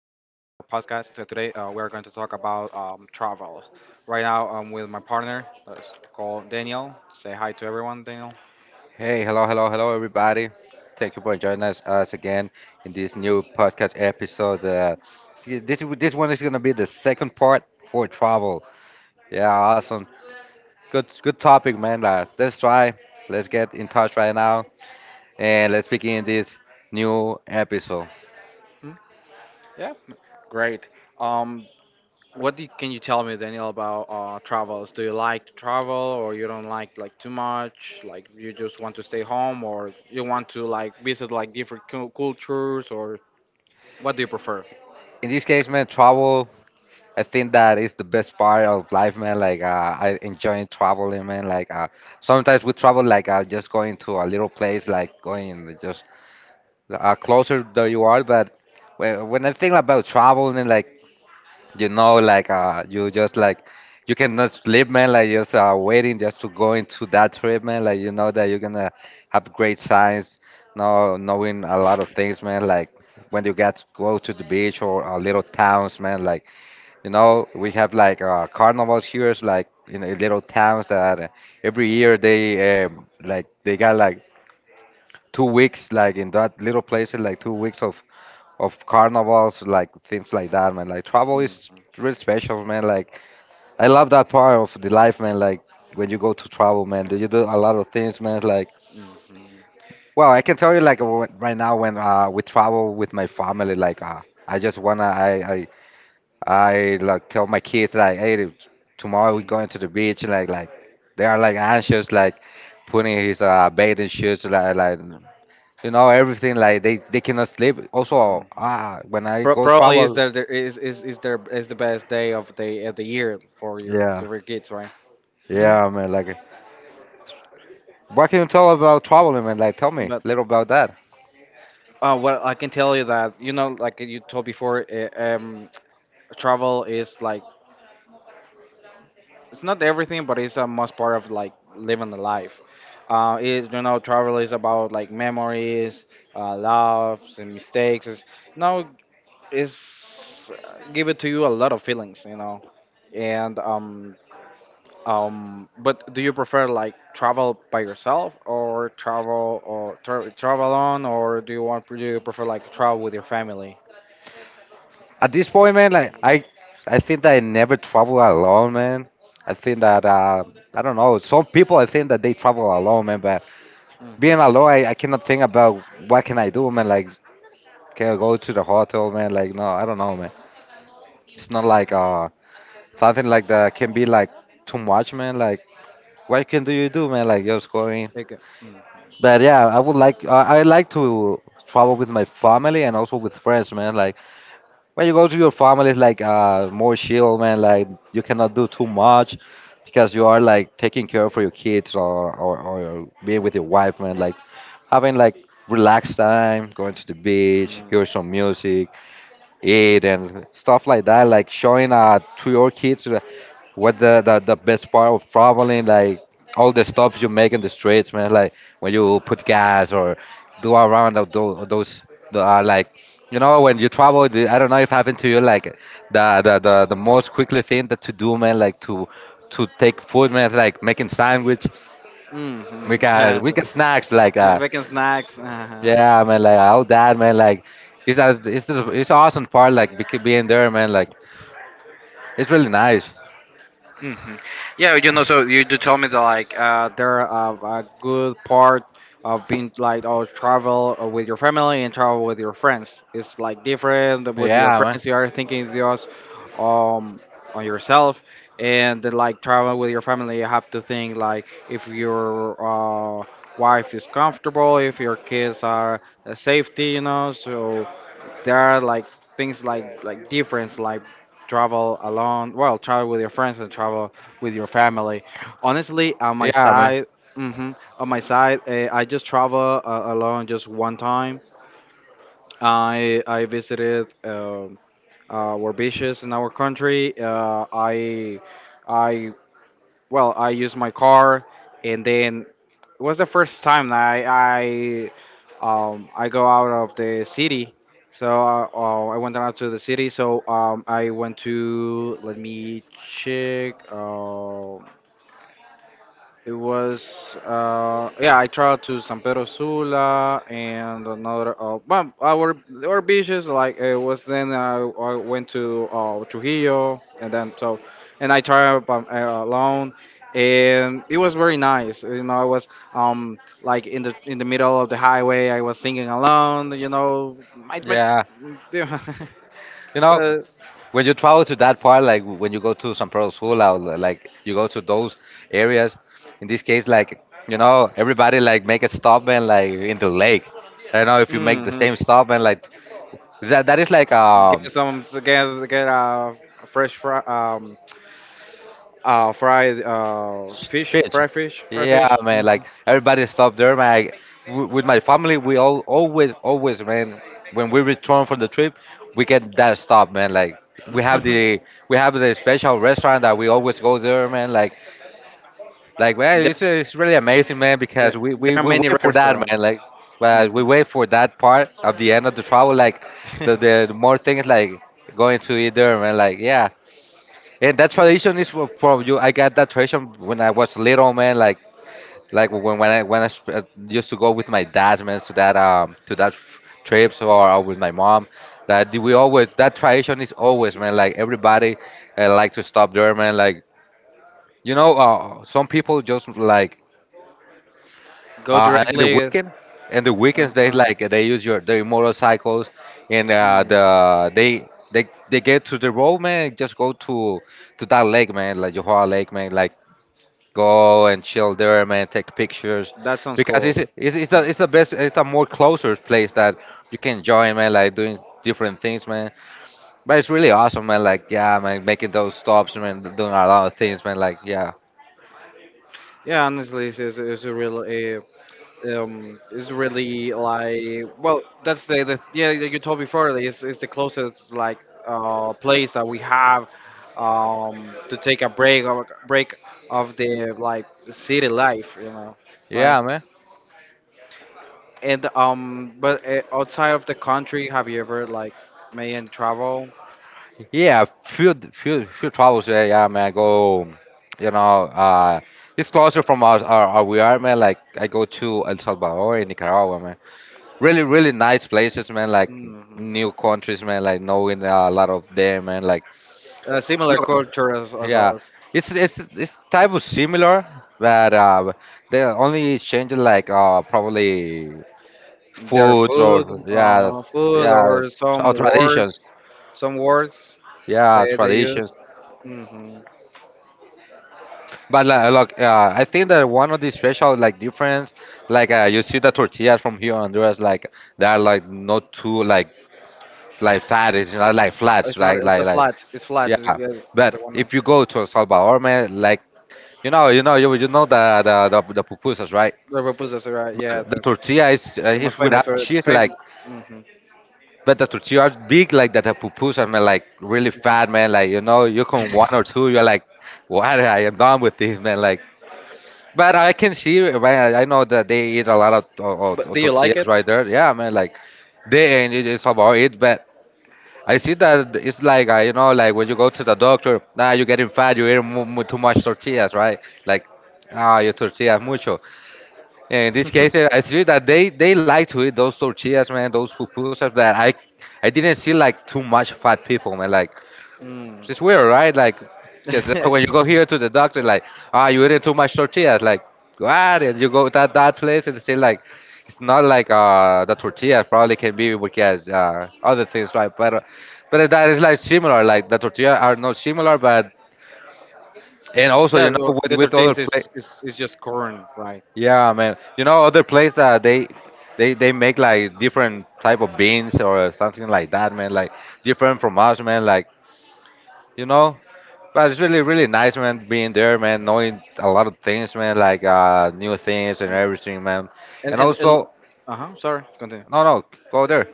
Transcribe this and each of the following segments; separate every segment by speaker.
Speaker 1: podcast. Today, we are going to talk about travels. Right now, I'm with my partner. Let's call Daniel. Say hi to everyone, Daniel.
Speaker 2: Hey, hello, hello, hello, everybody. Thank you for joining us again in this new podcast episode. See, this one is gonna be the second part for travel. Yeah, awesome. Good topic, man. Let's try. Let's get in touch right now and let's begin this new episode.
Speaker 1: Hmm? Yeah, great. Um, what do can you tell me, Daniel, about travels? Do you like to travel, or you don't like too much? Like you just want to stay home, or you want to like visit like different cultures, or what do you prefer?
Speaker 2: In this case, man, travel. I think that is the best part of life, man. Like I enjoy traveling, man. Like sometimes we travel, like just going to a little place, like going just closer that you are. But when I think about traveling, and like you know, like you just like you cannot sleep, man. Like just waiting just to go into that trip, man. Like you know that you're gonna have great times, no knowing a lot of things, man. Like when you get go to the beach or little towns, man. Like you know, we have like carnivals here, it's like in little towns that every year they like they got like 2 weeks like in that little places like 2 weeks of carnivals, like things like that, man. Like travel is
Speaker 1: Hmm
Speaker 2: really special, man. Like I love that part of the life, man. Like when you go to travel, man, do you do a lot of things, man. Like
Speaker 1: hmm
Speaker 2: well, I can tell you, like right now when we travel with my family, like I just wanna, I like tell my kids like, hey, tomorrow we're going to
Speaker 1: hmm
Speaker 2: the beach, like they are like anxious, like putting his bathing suits, like you know everything, like they cannot sleep. Also, ah, when I
Speaker 1: Pro-
Speaker 2: go
Speaker 1: probably is
Speaker 2: travel,
Speaker 1: the best day of the year for your
Speaker 2: yeah.
Speaker 1: your kids, right? Mhm.
Speaker 2: Yeah, man. Like, what can you tell about traveling, man? Like, tell me
Speaker 1: But
Speaker 2: a little about that.
Speaker 1: well, I can tell you that you know, like you told before, travel is like it's not everything, but it's a must part of like living the life. You know, travel is about like memories, loves and mistakes. It's, you know, it's give it to you a lot of feelings, you know, and but do you prefer like travel by yourself or travel alone, or do you prefer like travel with your family?
Speaker 2: At this point, man, like, I think that I never travel alone, man. I think that I don't know. Some people, I think that they travel alone, man. But being alone,
Speaker 1: Mm-hmm.
Speaker 2: I cannot think about what can I do, man. Like, can I go to the hotel, man? Like, no, I don't know, man. It's not like something like that can be like too much, man. Like, what can do you do, man? Like, just going.
Speaker 1: Okay.
Speaker 2: But yeah, I would like. I like to travel with my family and also with friends, man. Like. When you go to your family, it's like more chill, man. Like you cannot do too much because you are like taking care for your kids or or being with your wife, man. Like having like relaxed time, going to the beach, hear some
Speaker 1: Mm-hmm.
Speaker 2: music it and stuff like that, like showing to your kids, what the, the best part of traveling, like all the stops you make in the streets, man, like when you put gas or do a round of those the, like you know when you travel, the, I don't know if happened to you, like the most quickly thing that to do, man, like to take food, man, like making sandwich. We
Speaker 1: Mm-hmm.
Speaker 2: got we got snacks like
Speaker 1: Yeah, the snacks. Uh-huh.
Speaker 2: yeah, man, like all that, man, like. It's, a, it's, the- It's awesome part like being there, man. Like it's really nice.
Speaker 1: hmm Yeah, you know, so you do tell me that like there are a good part of being like oh travel with your family and travel with your friends. It's like different with your
Speaker 2: Yeah, man.
Speaker 1: friends. You are thinking just um on yourself, and then, like travel with your family, you have to think like if your uh, wife is comfortable, if your kids are safety, you know. So there are like things like difference like travel alone well travel with your friends and travel with your family honestly on my
Speaker 2: Yeah, man.
Speaker 1: side, mhm, on my side I just travel alone just one time. I visited our beaches in our country. I Well, I used my car, and then it was the first time that I I, I go out of the city. So I went out to the city. So I went to let me check. It was, yeah, I traveled to San Pedro Sula and another, well, our beaches, like, it was then I went to Trujillo and then so, and I traveled alone and it was very nice. You know, I was, like in in the middle of the highway, I was singing alone, you know,
Speaker 2: Yeah. You know,
Speaker 1: so,
Speaker 2: when you travel to that part, like when you go to San Pedro Sula, or like you go to those areas, in this case, like, you know, everybody like make a stop and like in the lake. I don't know if you make the
Speaker 1: mm-hmm.
Speaker 2: same stop and like that, that is like
Speaker 1: Get some, get a fresh, fried fish,
Speaker 2: Fish.
Speaker 1: fried
Speaker 2: Yeah,
Speaker 1: fish.
Speaker 2: man.
Speaker 1: Mhm.
Speaker 2: Like everybody stopped there, man. I, with my family, we all always, man. When we return from the trip, we get that stop, man. Like we have the we have the special restaurant that we always go there, man. Like man,
Speaker 1: There,
Speaker 2: it's really amazing, man.
Speaker 1: there
Speaker 2: Because
Speaker 1: there are
Speaker 2: we
Speaker 1: many
Speaker 2: wait for that, man.
Speaker 1: restaurants.
Speaker 2: Like well, we
Speaker 1: Hmm
Speaker 2: wait for that part of the end of the travel. Like the more things like going to eat there, man. Like yeah. And that tradition is from you. I got that tradition when I was little, man. Like when I used to go with my dad, man, to that trips or with my mom, that we always that tradition is always, man. Like everybody like to stop there, man. Like you know, some people just like
Speaker 1: Go
Speaker 2: in the
Speaker 1: directly.
Speaker 2: weekend. In the weekends, they
Speaker 1: Um,
Speaker 2: like they use your their motorcycles and
Speaker 1: mm,
Speaker 2: the they get to the road, man. Just go to that lake, man, like Johor Lake, man. Like go and chill there, man. Take pictures
Speaker 1: that sounds
Speaker 2: because
Speaker 1: cool. Mm.
Speaker 2: it's the best. It's a more closer place that you can enjoy, man. Like doing different things, man. But it's really awesome, man. Like yeah, man, making those stops, man. Doing a lot of things, man. Like yeah,
Speaker 1: Yeah, honestly, it's a really, it's really like well, that's the yeah that you told before. It's the closest like place that we have to take a break of the like city life, you know, right?
Speaker 2: yeah, man.
Speaker 1: And but outside of the country, have you ever like made any travel?
Speaker 2: Yeah, few travels, yeah, yeah, man. I go, you know, it's closer from our we are, man. Like I go to El Salvador and Nicaragua, man. Really, really nice places, man. Like
Speaker 1: Hmm
Speaker 2: new countries, man. Like knowing a lot of them, man. Like
Speaker 1: A similar
Speaker 2: Look,
Speaker 1: culture as
Speaker 2: yeah,
Speaker 1: us,
Speaker 2: it's type of similar, but they only change it like probably
Speaker 1: their
Speaker 2: foods or
Speaker 1: food,
Speaker 2: yeah
Speaker 1: food
Speaker 2: yeah
Speaker 1: or
Speaker 2: or traditions
Speaker 1: some words
Speaker 2: yeah
Speaker 1: they use.
Speaker 2: traditions.
Speaker 1: Hmm
Speaker 2: But like, look, I think that one of the special like difference, like you see the tortillas from here in Honduras, like they are like not too like fat, it's not like flats,
Speaker 1: It's not.
Speaker 2: right?
Speaker 1: It's a
Speaker 2: Like
Speaker 1: flat. It's flat. It's,
Speaker 2: yeah.
Speaker 1: yeah, the
Speaker 2: But
Speaker 1: one.
Speaker 2: if you go to El Salvador, man, like you know, you know the the pupusas, right?
Speaker 1: The pupusas, right? Yeah,
Speaker 2: But the tortilla
Speaker 1: the
Speaker 2: is
Speaker 1: most famous
Speaker 2: without
Speaker 1: for
Speaker 2: cheese, like,
Speaker 1: fam- hmm
Speaker 2: but the tortilla are big, like that. The pupusas, man, like really fat, man. Like you know, you can one or two, you're like, what? I am done with this, man. Like, but I can see, man. I know that they eat a lot
Speaker 1: But
Speaker 2: of
Speaker 1: do you like
Speaker 2: tortillas
Speaker 1: it?
Speaker 2: right there. Yeah, man. Like, they and it's about it, but. I see that it's like you know, like when you go to the doctor, nah, you're getting fat, you're eating too much tortillas, right? Like, ah, your tortillas mucho. In this case, I see that they like to eat those tortillas, man, those pupusas. That I didn't see like too much fat people, man. Like it's
Speaker 1: Mm.
Speaker 2: just weird, right? Like because
Speaker 1: Yeah,
Speaker 2: when you go here to the doctor, like ah, you eating too much tortillas. Like what? And you go that that place and say like it's not like the tortilla probably can be because other things, right? But that is like similar. Like the tortilla are not similar, but and also you know
Speaker 1: well, the
Speaker 2: with other
Speaker 1: tortillas
Speaker 2: place.
Speaker 1: is, is just corn, right?
Speaker 2: Yeah, man. You know, other place that they make like different type of beans or something like that, man. Like different from us, man. Like you know, but it's really really nice, man. Being there, man. Knowing a lot of things, man. Like new things and everything, man. And
Speaker 1: And
Speaker 2: also,
Speaker 1: uh huh. Sorry, continue.
Speaker 2: no, no, go there.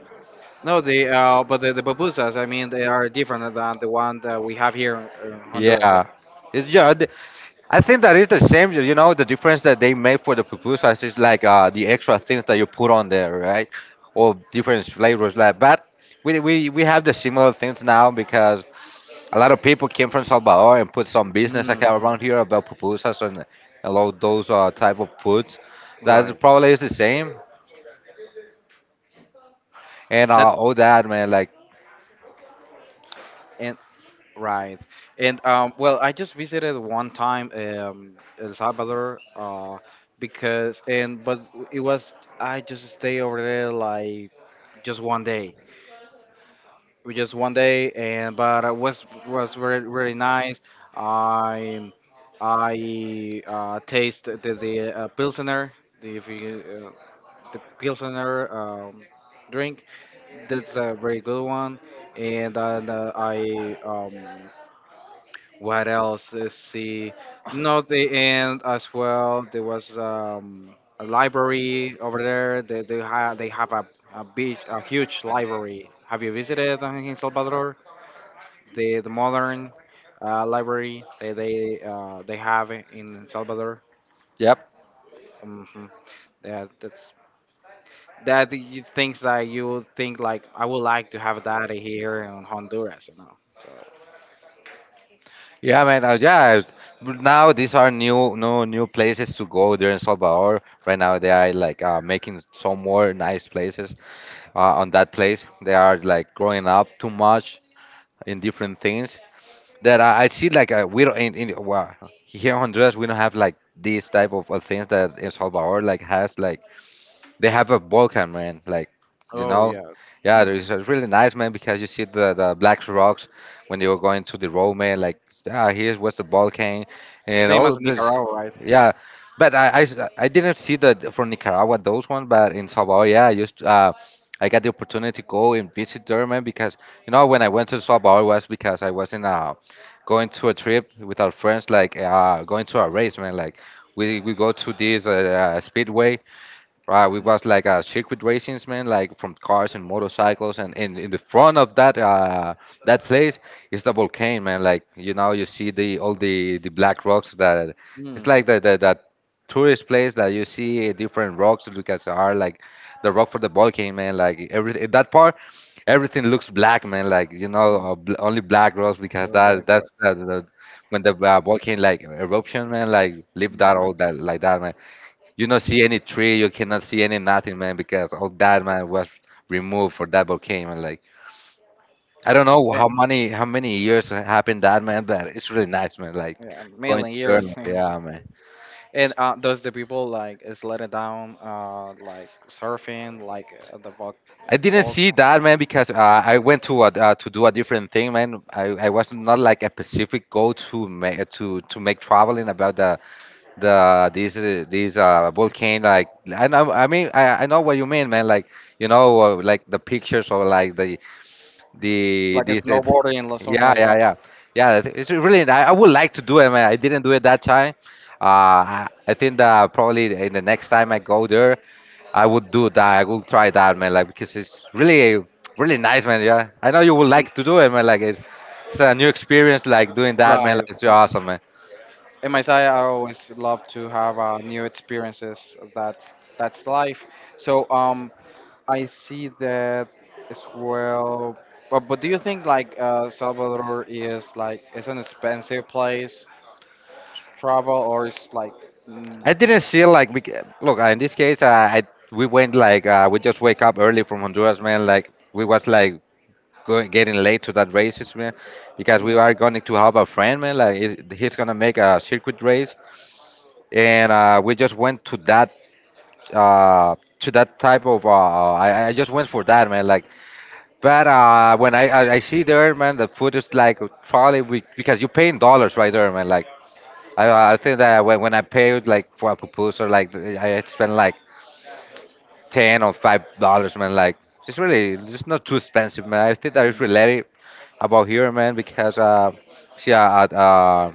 Speaker 1: No, the pupusas, I mean, they are different than the one that we have here in Honduras.
Speaker 2: Yeah, it's yeah. I think that is the same. You know, the difference that they make for the pupusas is like the extra things that you put on there, right? Or different flavors like. But we have the similar things now because a lot of people came from Salvador and put some
Speaker 1: Right?
Speaker 2: business account
Speaker 1: Mhm.
Speaker 2: around here about pupusas and all those type of foods. That
Speaker 1: Right.
Speaker 2: probably is the same and
Speaker 1: That
Speaker 2: all that, man. Like,
Speaker 1: and right. And well, I just visited one time El Salvador because and but it was I just stay over there like just one day. We just one day, and but it was really really nice. I I taste the pilsner, the if you, the pilsner drink. That's a very good one. And then I what else? Let's see. Not the end as well. There was a library over there. They have a beach, a huge library. Have you visited in Salvador? The modern library that they have in El Salvador.
Speaker 2: yep.
Speaker 1: Hmm That that's that you things that you would think like I would like to have that here in Honduras, you know. So
Speaker 2: Yeah, man. Yeah, but now these are new, no new places to go there in Salvador. Right now, they are like making some more nice places on that place. They are like growing up too much in different things that I see. Like we don't in well, here in Honduras, we don't have like these type of things that in Salvador like has like they have a volcano, man. Like, you
Speaker 1: oh
Speaker 2: know,
Speaker 1: yeah,
Speaker 2: yeah,
Speaker 1: hmm
Speaker 2: it's really nice, man, because you see the black rocks when you were going to the road, man. Like, ah, here's what's the volcano and
Speaker 1: same
Speaker 2: all
Speaker 1: as
Speaker 2: of this.
Speaker 1: Nicaragua, right?
Speaker 2: Yeah, but I s- I didn't see that from Nicaragua those ones, but in Salvador, yeah, I used. I got the opportunity to go and visit there, man, because you know when I went to Salvador was because I was in a going to a trip with our friends, like going to a race, man. Like we go to this speedway. Right, we was like a circuit racings, man, like from cars and motorcycles, and in the front of that place is the volcano, man. Like you know, you see the all the black rocks that it's
Speaker 1: Mm-hmm.
Speaker 2: like the that tourist place that you see different rocks because are like the rock for the volcano, man. Like every in that part, everything looks black, man. Like you know, bl only black rocks
Speaker 1: A
Speaker 2: because
Speaker 1: little bit gross.
Speaker 2: when the volcano like eruption, man, like leave that
Speaker 1: Mm.
Speaker 2: all that like that, man. You not see any tree, you cannot see any nothing, man, because all that man was removed for that volcano, man. Like I don't know how many happened that, man, but it's really nice, man. Like
Speaker 1: Yeah, a
Speaker 2: going to
Speaker 1: million
Speaker 2: there, man,
Speaker 1: years.
Speaker 2: yeah, man.
Speaker 1: And does the people like is let it down, like surfing, like
Speaker 2: I didn't
Speaker 1: vol-
Speaker 2: see that man because I went to a, to do a different thing, man. I was not like a specific goal to make traveling about these volcano. Like I know, I mean, I know what you mean, man. Like you know like the pictures or like the
Speaker 1: like a
Speaker 2: this
Speaker 1: snowboarding or something
Speaker 2: yeah,
Speaker 1: like
Speaker 2: yeah
Speaker 1: that?
Speaker 2: yeah yeah It's really, I would like to do it, man. I didn't do it that time. I think that probably in the next time I go there I would do that. I will try that, man, like because it's really really nice, man. Yeah, I know you would like to do it, man. Like it's a new experience like doing that, man,
Speaker 1: Right.
Speaker 2: like it's
Speaker 1: Mhm.
Speaker 2: awesome, man.
Speaker 1: In my side, I always love to have new experiences. That's life. So I see that as well. But do you think like Salvador is like it's an expensive place to travel or it's like mm,
Speaker 2: I didn't see like look, in this case I we went like we just wake up early from Honduras, man, like we was like going getting late to that races, man, because we
Speaker 1: mm,
Speaker 2: are going to have a friend, man. Like it, he's gonna make a circuit race, and we just went to that type of. I just went for that, man. Like, but when I see there, man, the food is like probably we, because you pay in dollars right there, man. Like I think that when I paid like for a proposal, like I spent like 10 or 5 dollars, man. Like it's really it's not too expensive, man. I think that is
Speaker 1: mm,
Speaker 2: really about here, man, because see, uh, at, uh,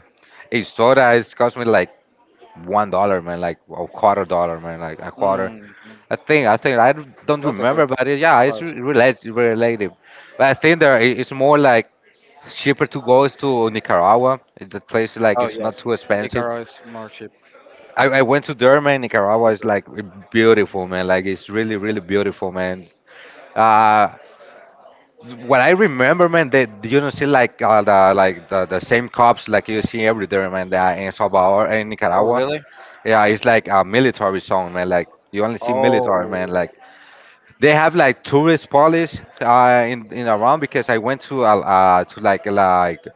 Speaker 2: a soda is cost me like $1, man, like a quarter dollar, man, like a quarter.
Speaker 1: mm, mm.
Speaker 2: I don't
Speaker 1: that's a good
Speaker 2: remember, but it, yeah, it's
Speaker 1: surprise.
Speaker 2: relative. But I think there it's more like cheaper to go is to Nicaragua. The place like
Speaker 1: Oh
Speaker 2: it's not
Speaker 1: yes,
Speaker 2: too expensive.
Speaker 1: Nicaragua is more cheap,
Speaker 2: I went to there, man. Nicaragua is
Speaker 1: cheaper.
Speaker 2: like beautiful, man. Like it's really, really beautiful, man. Uh, what I remember, man, that you don't see like the like the same cops like you see everywhere, man, that in Salvador and
Speaker 1: Oh
Speaker 2: Nicaragua.
Speaker 1: really?
Speaker 2: Yeah, it's like a military zone, man. Like you only see military,
Speaker 1: Oh,
Speaker 2: man. Like they have like tourist police in around because I went to like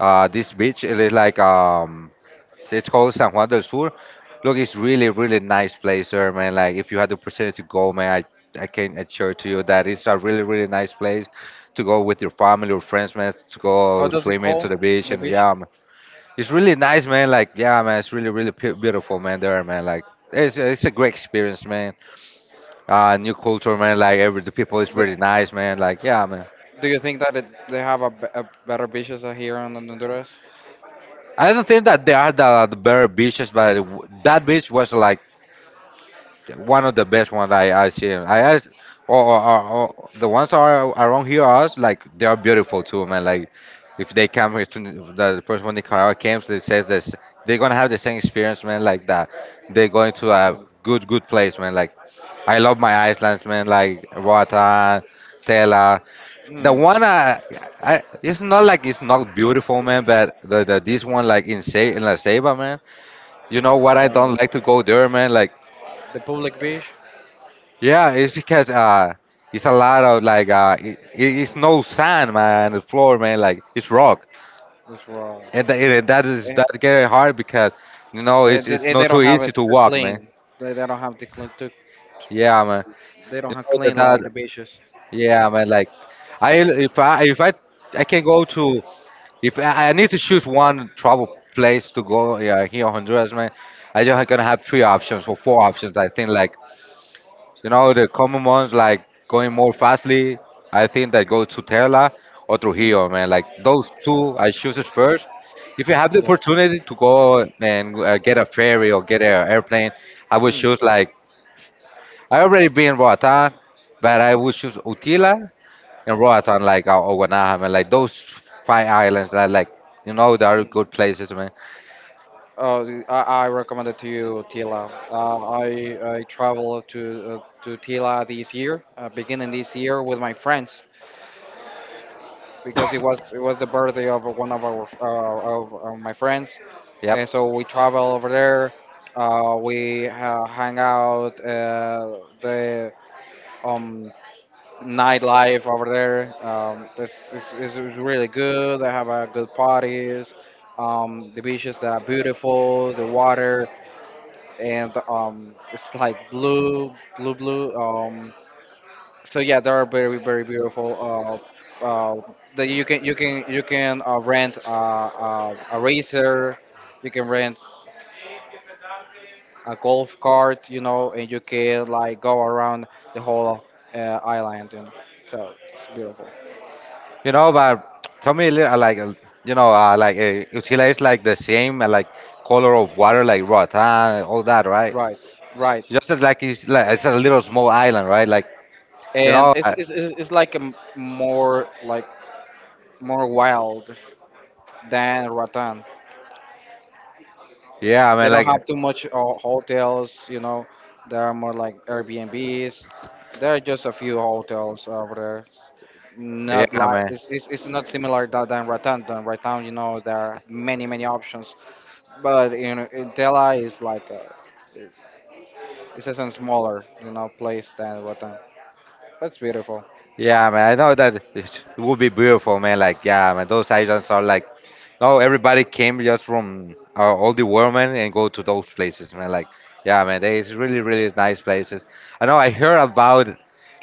Speaker 2: this beach. It is like so it's called San Juan del Sur. Look, it's really, really nice place there, man. Like if you had the opportunity to go, man, I can assure to you that it's a really, really nice place to go with your family or friends, man, to
Speaker 1: how
Speaker 2: go
Speaker 1: does it
Speaker 2: swimming
Speaker 1: call
Speaker 2: to the beach.
Speaker 1: the
Speaker 2: And
Speaker 1: beach?
Speaker 2: yeah, man, it's really nice, man. Like yeah, man, it's really, really beautiful, man, there, man. Like it's a great experience, man. New culture, man. Like every the people is really nice, man. Like yeah, man.
Speaker 1: Do you think that it, they have a, be- a better beaches than here in Honduras?
Speaker 2: I don't think that there are the better beaches, but that beach was like one of the best ones I see. I asked, or, or, or, or the ones are around here us like they are beautiful too, man. Like if they come here to the person from Nicaragua comes, they says this, they're gonna have the same experience, man. Like that, they're going to a
Speaker 1: Mm.
Speaker 2: good place, man. Like I love my islands, man. Like Roatan, Tela. The
Speaker 1: Mm.
Speaker 2: one it's not like it's not beautiful, man. But the this one like in Sa in La Ceiba, man. You know what? I
Speaker 1: Uh,
Speaker 2: don't like to go there, man. Like
Speaker 1: the public beach
Speaker 2: yeah, it's because it's a lot of like it's no sand, man. The floor, man, like it's rock,
Speaker 1: is wrong.
Speaker 2: and, and that is
Speaker 1: Eh,
Speaker 2: that getting hard because you know it's
Speaker 1: they
Speaker 2: not
Speaker 1: don't
Speaker 2: too
Speaker 1: have
Speaker 2: easy
Speaker 1: it
Speaker 2: to
Speaker 1: too
Speaker 2: walk, man.
Speaker 1: clean. They don't have to clean too.
Speaker 2: Yeah, man.
Speaker 1: They don't
Speaker 2: You
Speaker 1: have
Speaker 2: know that,
Speaker 1: clean
Speaker 2: that
Speaker 1: like the beaches.
Speaker 2: yeah, man. Like I if I if I I can go to if I, I need to choose one travel place to go, yeah, here in Honduras, man. I just gonna have 3 options or 4 options. I think like you know, the common ones like going more fastly, I think that go to Tesla or
Speaker 1: Mm.
Speaker 2: Trujillo, man. Like those two, I choose it first. If you have the
Speaker 1: Yes.
Speaker 2: opportunity to go and get a ferry or get an airplane, I would
Speaker 1: Mm.
Speaker 2: choose like I already been in Roatan, but I would choose Utila and Roatan, like or Guanaja, man. Like those 5 islands, that like you know, they are
Speaker 1: Mm.
Speaker 2: good places, man.
Speaker 1: Oh, the- I recommend it to you, Tila. I I traveled to Tila this year, beginning this year with my friends, because it was the birthday of one of our of my friends,
Speaker 2: Yep.
Speaker 1: and so we travel over there. We hang out the um, nightlife over there. Is really good. They have good parties. The beaches that are beautiful. The water and it's like blue, blue. So yeah, they are very very beautiful. Uh, uh, that you can rent a racer, you can rent a golf cart, you know, and you can like go around the whole island, you know, so it's beautiful.
Speaker 2: You know, but tell me, a little, you know, Utila is like the same, like color of water, like Roatan, all that, right?
Speaker 1: Right, right,
Speaker 2: Just as, like it's a little small island, right? Like, you
Speaker 1: and
Speaker 2: know,
Speaker 1: it's like a m- more like more wild than Ratan.
Speaker 2: yeah, I
Speaker 1: They
Speaker 2: mean,
Speaker 1: don't
Speaker 2: like,
Speaker 1: have too much hotels, you know. There are more like Airbnbs. There are just a few hotels over there.
Speaker 2: yeah,
Speaker 1: Not like
Speaker 2: man.
Speaker 1: it's not similar that than Ratan. Than Ratan, you know, there are many many options. But in Tela is like a, it's just a smaller, you know, place than Ratan. That's beautiful.
Speaker 2: Yeah, man, I know that it would be beautiful, man. Like, yeah, man, those islands are like, no, everybody came just from all the world, man, and go to those places, man. Like, yeah, man, they it's really, really nice places. I know I heard about,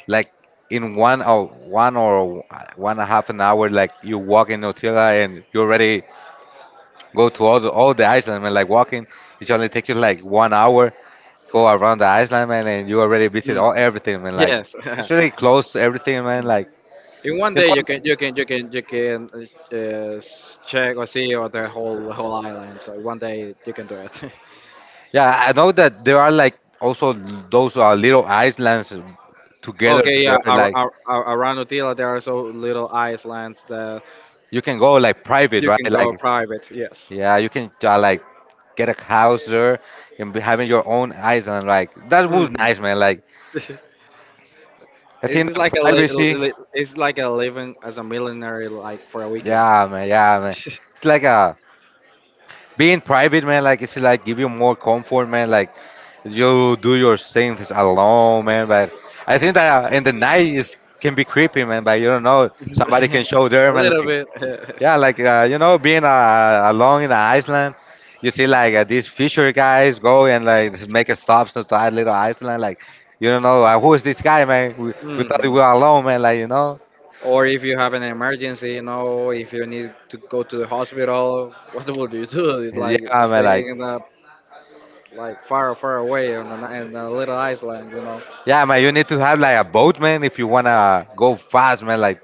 Speaker 2: like, in one and a half an hour, like you walk in Otila and you already go to all the island, man. Like walking, it only takes you like 1 hour. Go around the island, man, and you already visit all
Speaker 1: Mm.
Speaker 2: everything, man. Like,
Speaker 1: Yes.
Speaker 2: it's really close to everything, man.
Speaker 1: Mm.
Speaker 2: Like.
Speaker 1: In one
Speaker 2: You
Speaker 1: day
Speaker 2: know, like,
Speaker 1: you can uh, check or see or the whole island. So in one day you can do it.
Speaker 2: yeah, I know that there are like also those little islands together to
Speaker 1: Okay, yeah,
Speaker 2: there. Like
Speaker 1: around Utila there are so little islands that
Speaker 2: you can go like private,
Speaker 1: you can
Speaker 2: right?
Speaker 1: go
Speaker 2: Like
Speaker 1: private. Yes.
Speaker 2: yeah, you can like get a house there and be having your own island. Like that
Speaker 1: hmm
Speaker 2: would nice, man. Like
Speaker 1: It's
Speaker 2: I think
Speaker 1: just
Speaker 2: the
Speaker 1: like a
Speaker 2: privacy.
Speaker 1: it's like a living as a millionaire like for a weekend.
Speaker 2: Yeah, man. Yeah, man. It's like a being private, man, like it's like give you more comfort, man. Like you do your things alone, man. But I think that in the night it can be creepy, man. But you don't know somebody can show there,
Speaker 1: a
Speaker 2: man.
Speaker 1: little
Speaker 2: Like
Speaker 1: bit.
Speaker 2: yeah, like you know, being alone in the Iceland, you see like these fisher guys go and like make a stop inside little Iceland, like. You don't know who is this guy, man. We thought we
Speaker 1: hmm
Speaker 2: were alone, man. Like you know,
Speaker 1: Or if you have an emergency, you know, if you need to go to the hospital, what will you do? It's like
Speaker 2: yeah, man.
Speaker 1: staying
Speaker 2: Like
Speaker 1: in a like far away on an, in a little island, you know.
Speaker 2: yeah, man. You need to have like a boat, man, if you wanna go fast, man. Like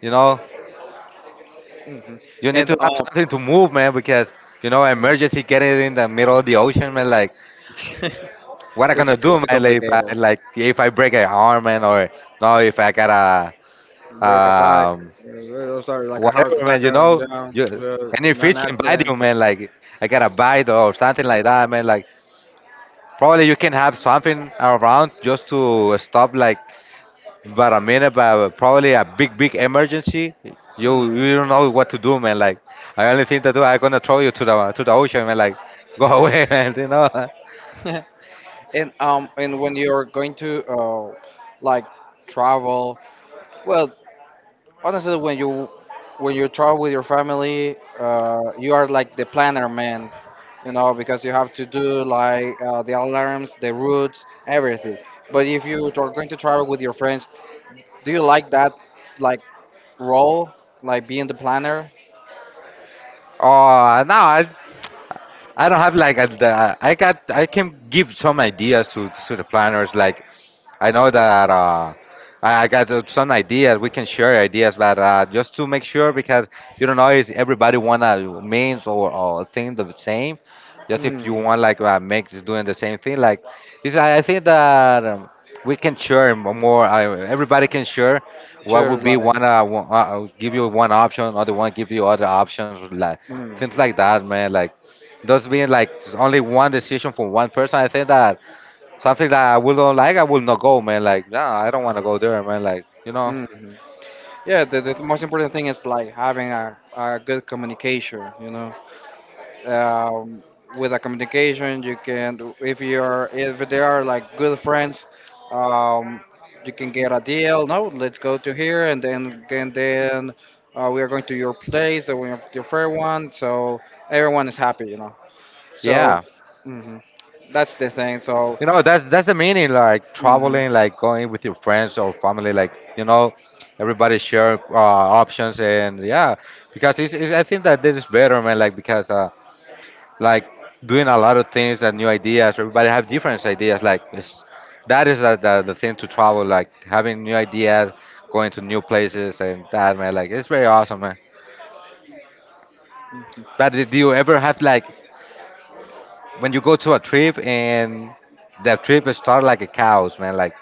Speaker 2: you know,
Speaker 1: Hmm
Speaker 2: you need
Speaker 1: And
Speaker 2: to have something to move, man, because you know
Speaker 1: mm.
Speaker 2: emergency getting in the middle of the ocean, man. Like, what I
Speaker 1: it's
Speaker 2: gonna do,
Speaker 1: too
Speaker 2: man?
Speaker 1: complicated.
Speaker 2: Like if I break an arm, man, or no, if I got a
Speaker 1: Break attack.
Speaker 2: um
Speaker 1: uh, Sorry, like a heart
Speaker 2: whatever,
Speaker 1: attack.
Speaker 2: man. You know,
Speaker 1: Yeah,
Speaker 2: you any
Speaker 1: an
Speaker 2: fish can bite you,
Speaker 1: accident.
Speaker 2: man. Like, I got a bite or something like that, man. Like, probably you can have something around just to stop, like but I mean, about probably a big, big emergency, you
Speaker 1: Hmm
Speaker 2: you don't know what to do, man. Like, I only think that do, I'm gonna throw you to the ocean, man. Like, go away, man. You know.
Speaker 1: And when you're going to like travel, well, honestly, when you travel with your family, you are like the planner man, you know, because you have to do like the alarms, the routes, everything. But if you are going to travel with your friends, do you like that, like role, like being the planner?
Speaker 2: Oh, no, I don't have like a, the, I got I can give some ideas to the planners. Like I know that I got some ideas. We can share ideas, but just to make sure because you don't know if everybody wanna means or think the same. Just if you
Speaker 1: Mm,
Speaker 2: want like make doing the same thing, like it's, I think that we can share more. I, everybody can share what
Speaker 1: sure,
Speaker 2: would be
Speaker 1: like.
Speaker 2: one. Give you one option, other one give you other options. Like things like
Speaker 1: Mhm,
Speaker 2: that, man. Like. Those being like only one decision for one person, I think that something that I will not like, I will not go, man. Like, no, I don't want to go there, man.
Speaker 1: mhm. Yeah, the most important thing is like having a good communication, you know. Um, with a communication, you can, if if they are like good friends, um, you can get a deal. No, let's go to here, and then we are going to your place, and we have your fair one, so everyone is happy, you know. So,
Speaker 2: Yeah,
Speaker 1: mhm, that's the thing. So,
Speaker 2: you know, that's the meaning, like
Speaker 1: mhm.
Speaker 2: traveling, like going with your friends or family, everybody share options, and yeah, because I think that this is better, man. Like because like doing a lot of things and new ideas. Everybody have different ideas. Like it's, that is the thing to travel. Like having new ideas, going to new places, and that man. Like it's very awesome, man. But did you ever have like when you go to a trip and the trip is start like a chaos, man? Like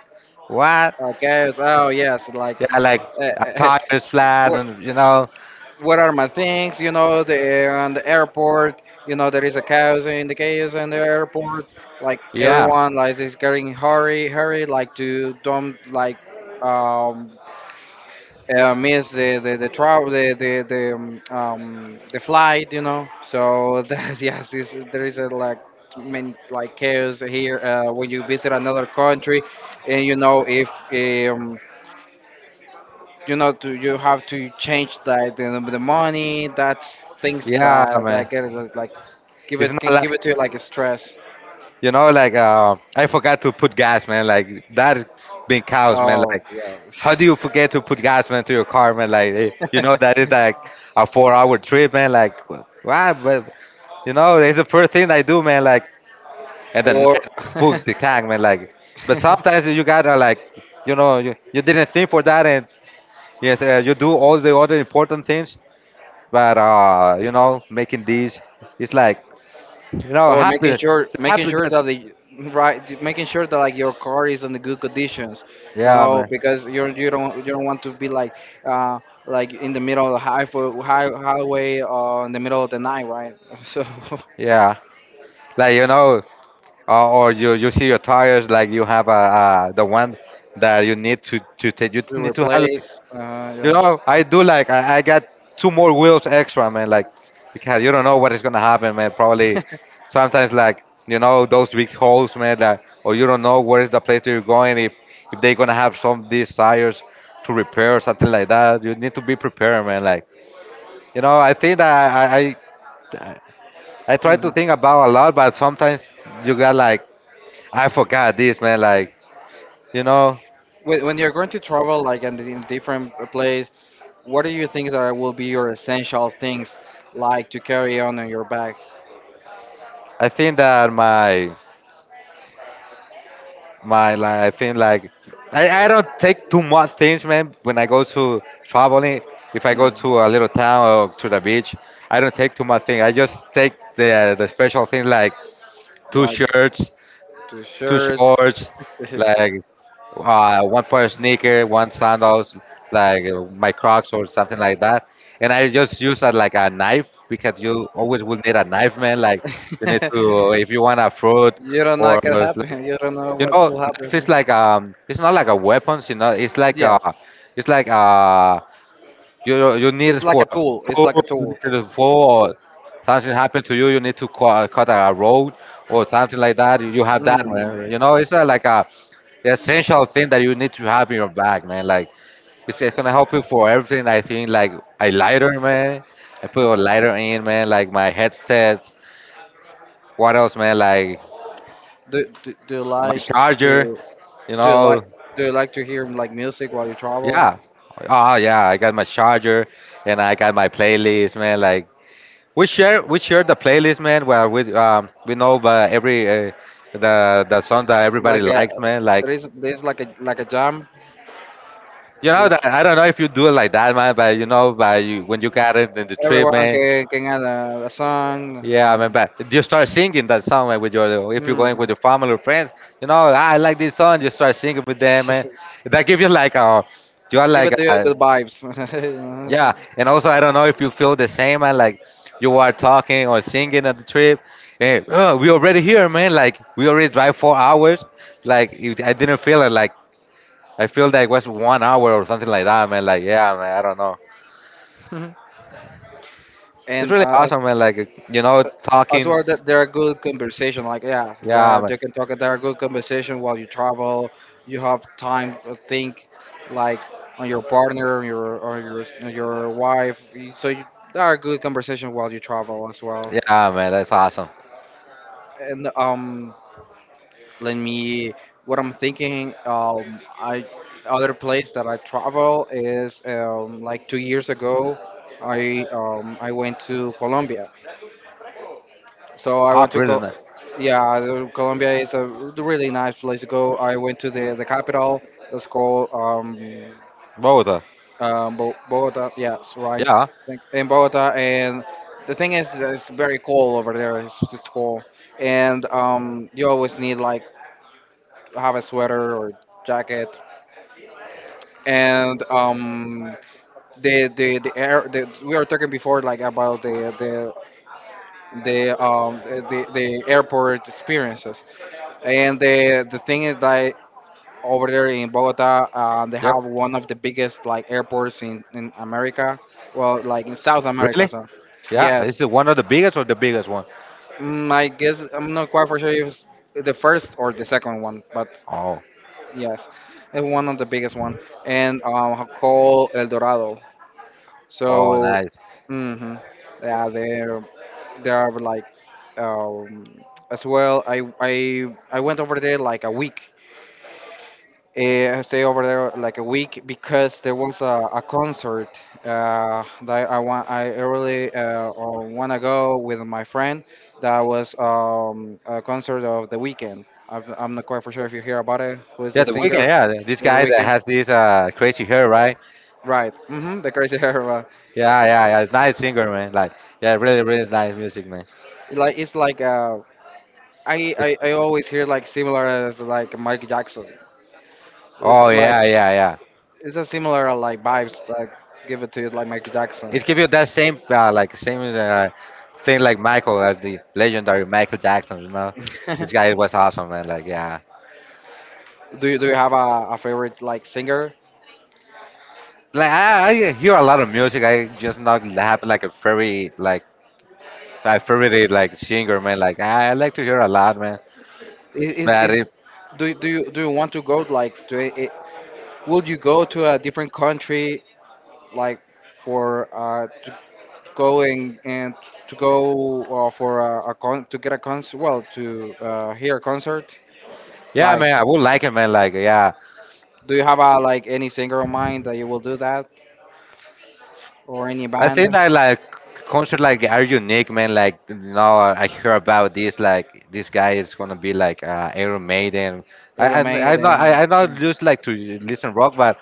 Speaker 2: what?
Speaker 1: Guys, oh yes, like
Speaker 2: Yeah, like
Speaker 1: uh,
Speaker 2: a
Speaker 1: uh,
Speaker 2: tire is flat,
Speaker 1: what
Speaker 2: and you know,
Speaker 1: what are my things? You know, the on the airport. You know, there is a chaos in the airport. Like
Speaker 2: yeah,
Speaker 1: everyone, like is getting hurry, hurry, like to don't like um miss the travel the flight. You know, so that yes, is there is a like many like chaos here when you visit another country. And you know if you have to change like the money, that's things
Speaker 2: yeah,
Speaker 1: that
Speaker 2: man.
Speaker 1: get it, like give
Speaker 2: It's
Speaker 1: it,
Speaker 2: not
Speaker 1: can give
Speaker 2: like
Speaker 1: it to you like a stress.
Speaker 2: you know, like I forgot to put gas, man. Like that being cows, man.
Speaker 1: Oh
Speaker 2: Like how do you forget to put gas, man, to your car, man? Like you
Speaker 1: yeah.
Speaker 2: know that is like a four-hour trip, man. Like why? But you know, it's the first thing I do, man. Like at the
Speaker 1: Or
Speaker 2: night, full the tank, man. Like but sometimes you gotta like you know you didn't think for that, and yes, you do all the other important things, but you know, making these, it's like you know
Speaker 1: or making
Speaker 2: happy, happy
Speaker 1: sure that
Speaker 2: that
Speaker 1: the right making sure that like your car is in the good conditions. You
Speaker 2: yeah,
Speaker 1: know,
Speaker 2: man,
Speaker 1: because you don't, you don't want to be uh like in the middle of the highway or in the middle of the night, right? So
Speaker 2: yeah. Like you know, or you see your tires like you have a, the one that you need to take, you
Speaker 1: we
Speaker 2: need to have like,
Speaker 1: replace
Speaker 2: you know, I do like I got two more wheels extra, man. Like because you don't know what is gonna happen, man. Probably
Speaker 1: yeah.
Speaker 2: sometimes like you know those big holes, man, that, or you don't know where is the place that you're going. If they're gonna have some of these tires to repair or something like that, you need to be prepared, man. Like you know I think that I try to
Speaker 1: Mhm.
Speaker 2: think about a lot, but sometimes you got like I forgot this, man. Like you know,
Speaker 1: When you're going to travel like and in different place, what do you think that will be your essential things, like to carry on in your bag?
Speaker 2: I think that my like I think like I don't take too much things, man, when I go to traveling. If I go
Speaker 1: Hmm.
Speaker 2: to a little town or to the beach, I don't take too much thing. I just take the special thing like two
Speaker 1: Like
Speaker 2: shirts,
Speaker 1: two
Speaker 2: two
Speaker 1: shirts.
Speaker 2: shorts, like one pair of sneaker, one sandals, like my Crocs or something like that. And I just use like a knife, because you always will need a knife, man. Like you need to, if you want a fruit
Speaker 1: You don't know
Speaker 2: or
Speaker 1: what could
Speaker 2: like
Speaker 1: happen, you don't know
Speaker 2: you
Speaker 1: what
Speaker 2: know,
Speaker 1: will happen.
Speaker 2: knife is like it's not like a weapon, you know,
Speaker 1: Yes.
Speaker 2: it's like a you need for
Speaker 1: It's
Speaker 2: food.
Speaker 1: like a
Speaker 2: You
Speaker 1: tool.
Speaker 2: need it for or something happened to you. You need to cut, cut a road or something like that. You have that,
Speaker 1: Mm.
Speaker 2: man. You know, it's like a essential thing that you need to have in your bag, man. Like it's gonna help you for everything. I think like a lighter, man. I put a lighter in, man. Like my headset. What else, man? Like
Speaker 1: Do you
Speaker 2: my
Speaker 1: like
Speaker 2: charger.
Speaker 1: to
Speaker 2: You
Speaker 1: do you
Speaker 2: know,
Speaker 1: like do you like to hear like music while you travel?
Speaker 2: yeah. Oh yeah, I got my charger and I got my playlist, man. Like We share the playlist, man. Where we know every the song that everybody
Speaker 1: Like a
Speaker 2: likes, man. Like
Speaker 1: there is, there's like a jam,
Speaker 2: you know that
Speaker 1: this.
Speaker 2: I don't know if you do it like that, man. But you know, but you, when you got it in the trip,
Speaker 1: Everyone
Speaker 2: man.
Speaker 1: can add a song.
Speaker 2: Yeah, I mean,
Speaker 1: And,
Speaker 2: but you start singing that song, man. With your, if you're going with
Speaker 1: mm,
Speaker 2: your family or friends, you know, "Ah, I like this song." You start singing with them, man. That gives you like a you are
Speaker 1: give
Speaker 2: like
Speaker 1: it to you
Speaker 2: a,
Speaker 1: good vibes. You know what
Speaker 2: yeah,
Speaker 1: I'm
Speaker 2: and also I don't know if you feel the same, man. Like you are talking or singing at the trip. Hey, oh, we already here, man. Like we already drive 4 hours. Like if I didn't feel it. Like I feel like it was one hour or something like that, man. Like yeah, man. I don't know.
Speaker 1: saying?
Speaker 2: It's
Speaker 1: And
Speaker 2: really awesome, man. Like you know,
Speaker 1: as
Speaker 2: talking.
Speaker 1: well that there are good conversation. Like yeah, there
Speaker 2: Yeah,
Speaker 1: are,
Speaker 2: man.
Speaker 1: they can talk. There are good conversation while you travel. You have time to think, like on your partner, your or your your wife. There are good conversation while you travel as well.
Speaker 2: Yeah, man. That's awesome.
Speaker 1: And let me. What I'm thinking. I other place that I travel is like 2 years ago. I went to Colombia. So I
Speaker 2: Oh,
Speaker 1: went to
Speaker 2: really?
Speaker 1: Col- Yeah, Colombia is a really nice place to go. I went to the capital. That's called
Speaker 2: Both.
Speaker 1: Bogota. Yes, right.
Speaker 2: Yeah.
Speaker 1: Like, in Bogota. And the thing is that it's very cold over there. It's just cold, and you always need like have a sweater or jacket. And um, the, air, the we were talking before like about the airport experiences, and the thing is that over there in Bogota, they
Speaker 2: Yep.
Speaker 1: have one of the biggest like airports in America, well, like in South America.
Speaker 2: Really?
Speaker 1: So
Speaker 2: Yeah.
Speaker 1: yes,
Speaker 2: Is it one of the biggest or the biggest one?
Speaker 1: mm, I guess I'm not quite for sure if it's the first or the second one, but
Speaker 2: Oh.
Speaker 1: yes, it's one of the biggest one, and called El Dorado.
Speaker 2: Oh,
Speaker 1: So,
Speaker 2: nice.
Speaker 1: mhm. Yeah, there are like, um, as well. I went over there like a week. Eh, I stay over there like a week because there was a concert that I want. I really want to go with my friend. That was a concert of The Weekend. I'm not quite for sure if you hear about it. Who is
Speaker 2: Yeah,
Speaker 1: the
Speaker 2: the weekend.
Speaker 1: singer?
Speaker 2: Yeah, this
Speaker 1: The
Speaker 2: guy that
Speaker 1: Weekend.
Speaker 2: has this crazy hair, right?
Speaker 1: Right. Hmm. The crazy hair.
Speaker 2: Yeah, yeah, yeah. It's nice singer, man. Like, yeah, really, really nice music, man.
Speaker 1: Like it's like a, I,
Speaker 2: It's
Speaker 1: I always hear like similar as like Michael Jackson.
Speaker 2: oh
Speaker 1: It's like
Speaker 2: yeah, yeah, yeah.
Speaker 1: it's a similar like vibes, like give it to you like Michael Jackson.
Speaker 2: It gives you that same like same thing like Michael, the legendary Michael Jackson. You know,
Speaker 1: do
Speaker 2: this guy was awesome, man. Like, yeah.
Speaker 1: do you have a favorite like singer?
Speaker 2: Like I hear a lot of music. I just not have like a very like a favorite like singer, man. Like I like to hear a lot, man.
Speaker 1: I-
Speaker 2: But
Speaker 1: is
Speaker 2: it,
Speaker 1: do you want to go like would you go to a different country, like for to go and to go for a con to hear a concert,
Speaker 2: yeah,
Speaker 1: like.
Speaker 2: man, I would like it, man. Like yeah.
Speaker 1: Do you have a like any singer in mind that you will do that or any
Speaker 2: I think
Speaker 1: band?
Speaker 2: that like concert like are unique, man. Like now I hear about this. Like this guy is gonna be like Iron Maiden.
Speaker 1: Little Maiden,
Speaker 2: I not
Speaker 1: mm,
Speaker 2: just like to listen rock, but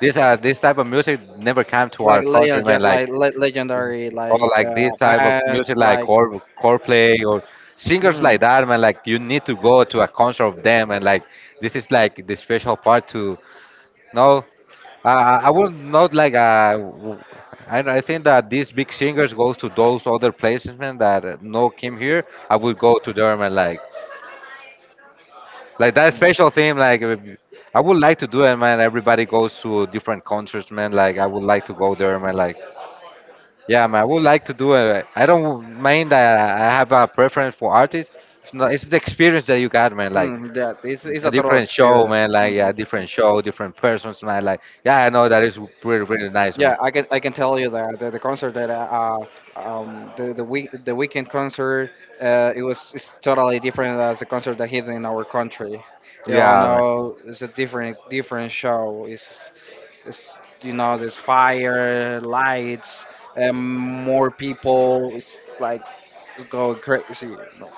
Speaker 2: this this type of music never came to our
Speaker 1: like
Speaker 2: country,
Speaker 1: legend, yeah,
Speaker 2: man. Like
Speaker 1: like le- legendary,
Speaker 2: or
Speaker 1: like
Speaker 2: like this type of
Speaker 1: bands,
Speaker 2: music like
Speaker 1: like
Speaker 2: core core play or singers
Speaker 1: mm,
Speaker 2: like that, man. Like you need to go to a concert of them, and like this is like the special part to know. I would not like. I think that these big singers goes to those other places, man. That no came here. I would go to them and like that special thing. Like, I would like to do it, man. Everybody goes to different concerts, man. Like, I would like to go there, man. Like, yeah, man. I would like to do it. I don't mind that I have a preference for artists. It's not. It's the experience that you got, man. Like
Speaker 1: mm, that. It's
Speaker 2: a
Speaker 1: a total
Speaker 2: different show,
Speaker 1: experience.
Speaker 2: man.
Speaker 1: Mm,
Speaker 2: Like yeah,
Speaker 1: it's a total-
Speaker 2: different show, different persons, man. Like, yeah, I know that is pretty, pretty nice,
Speaker 1: Yeah,
Speaker 2: man.
Speaker 1: I can, I can tell you that the concert that the week, the weekend concert, it was, it's totally different as the concert that he did in our country. You all
Speaker 2: Yeah, man.
Speaker 1: know, no, it's a different different show. It's, you know, there's fire lights and more people. It's like, it's going crazy, you know.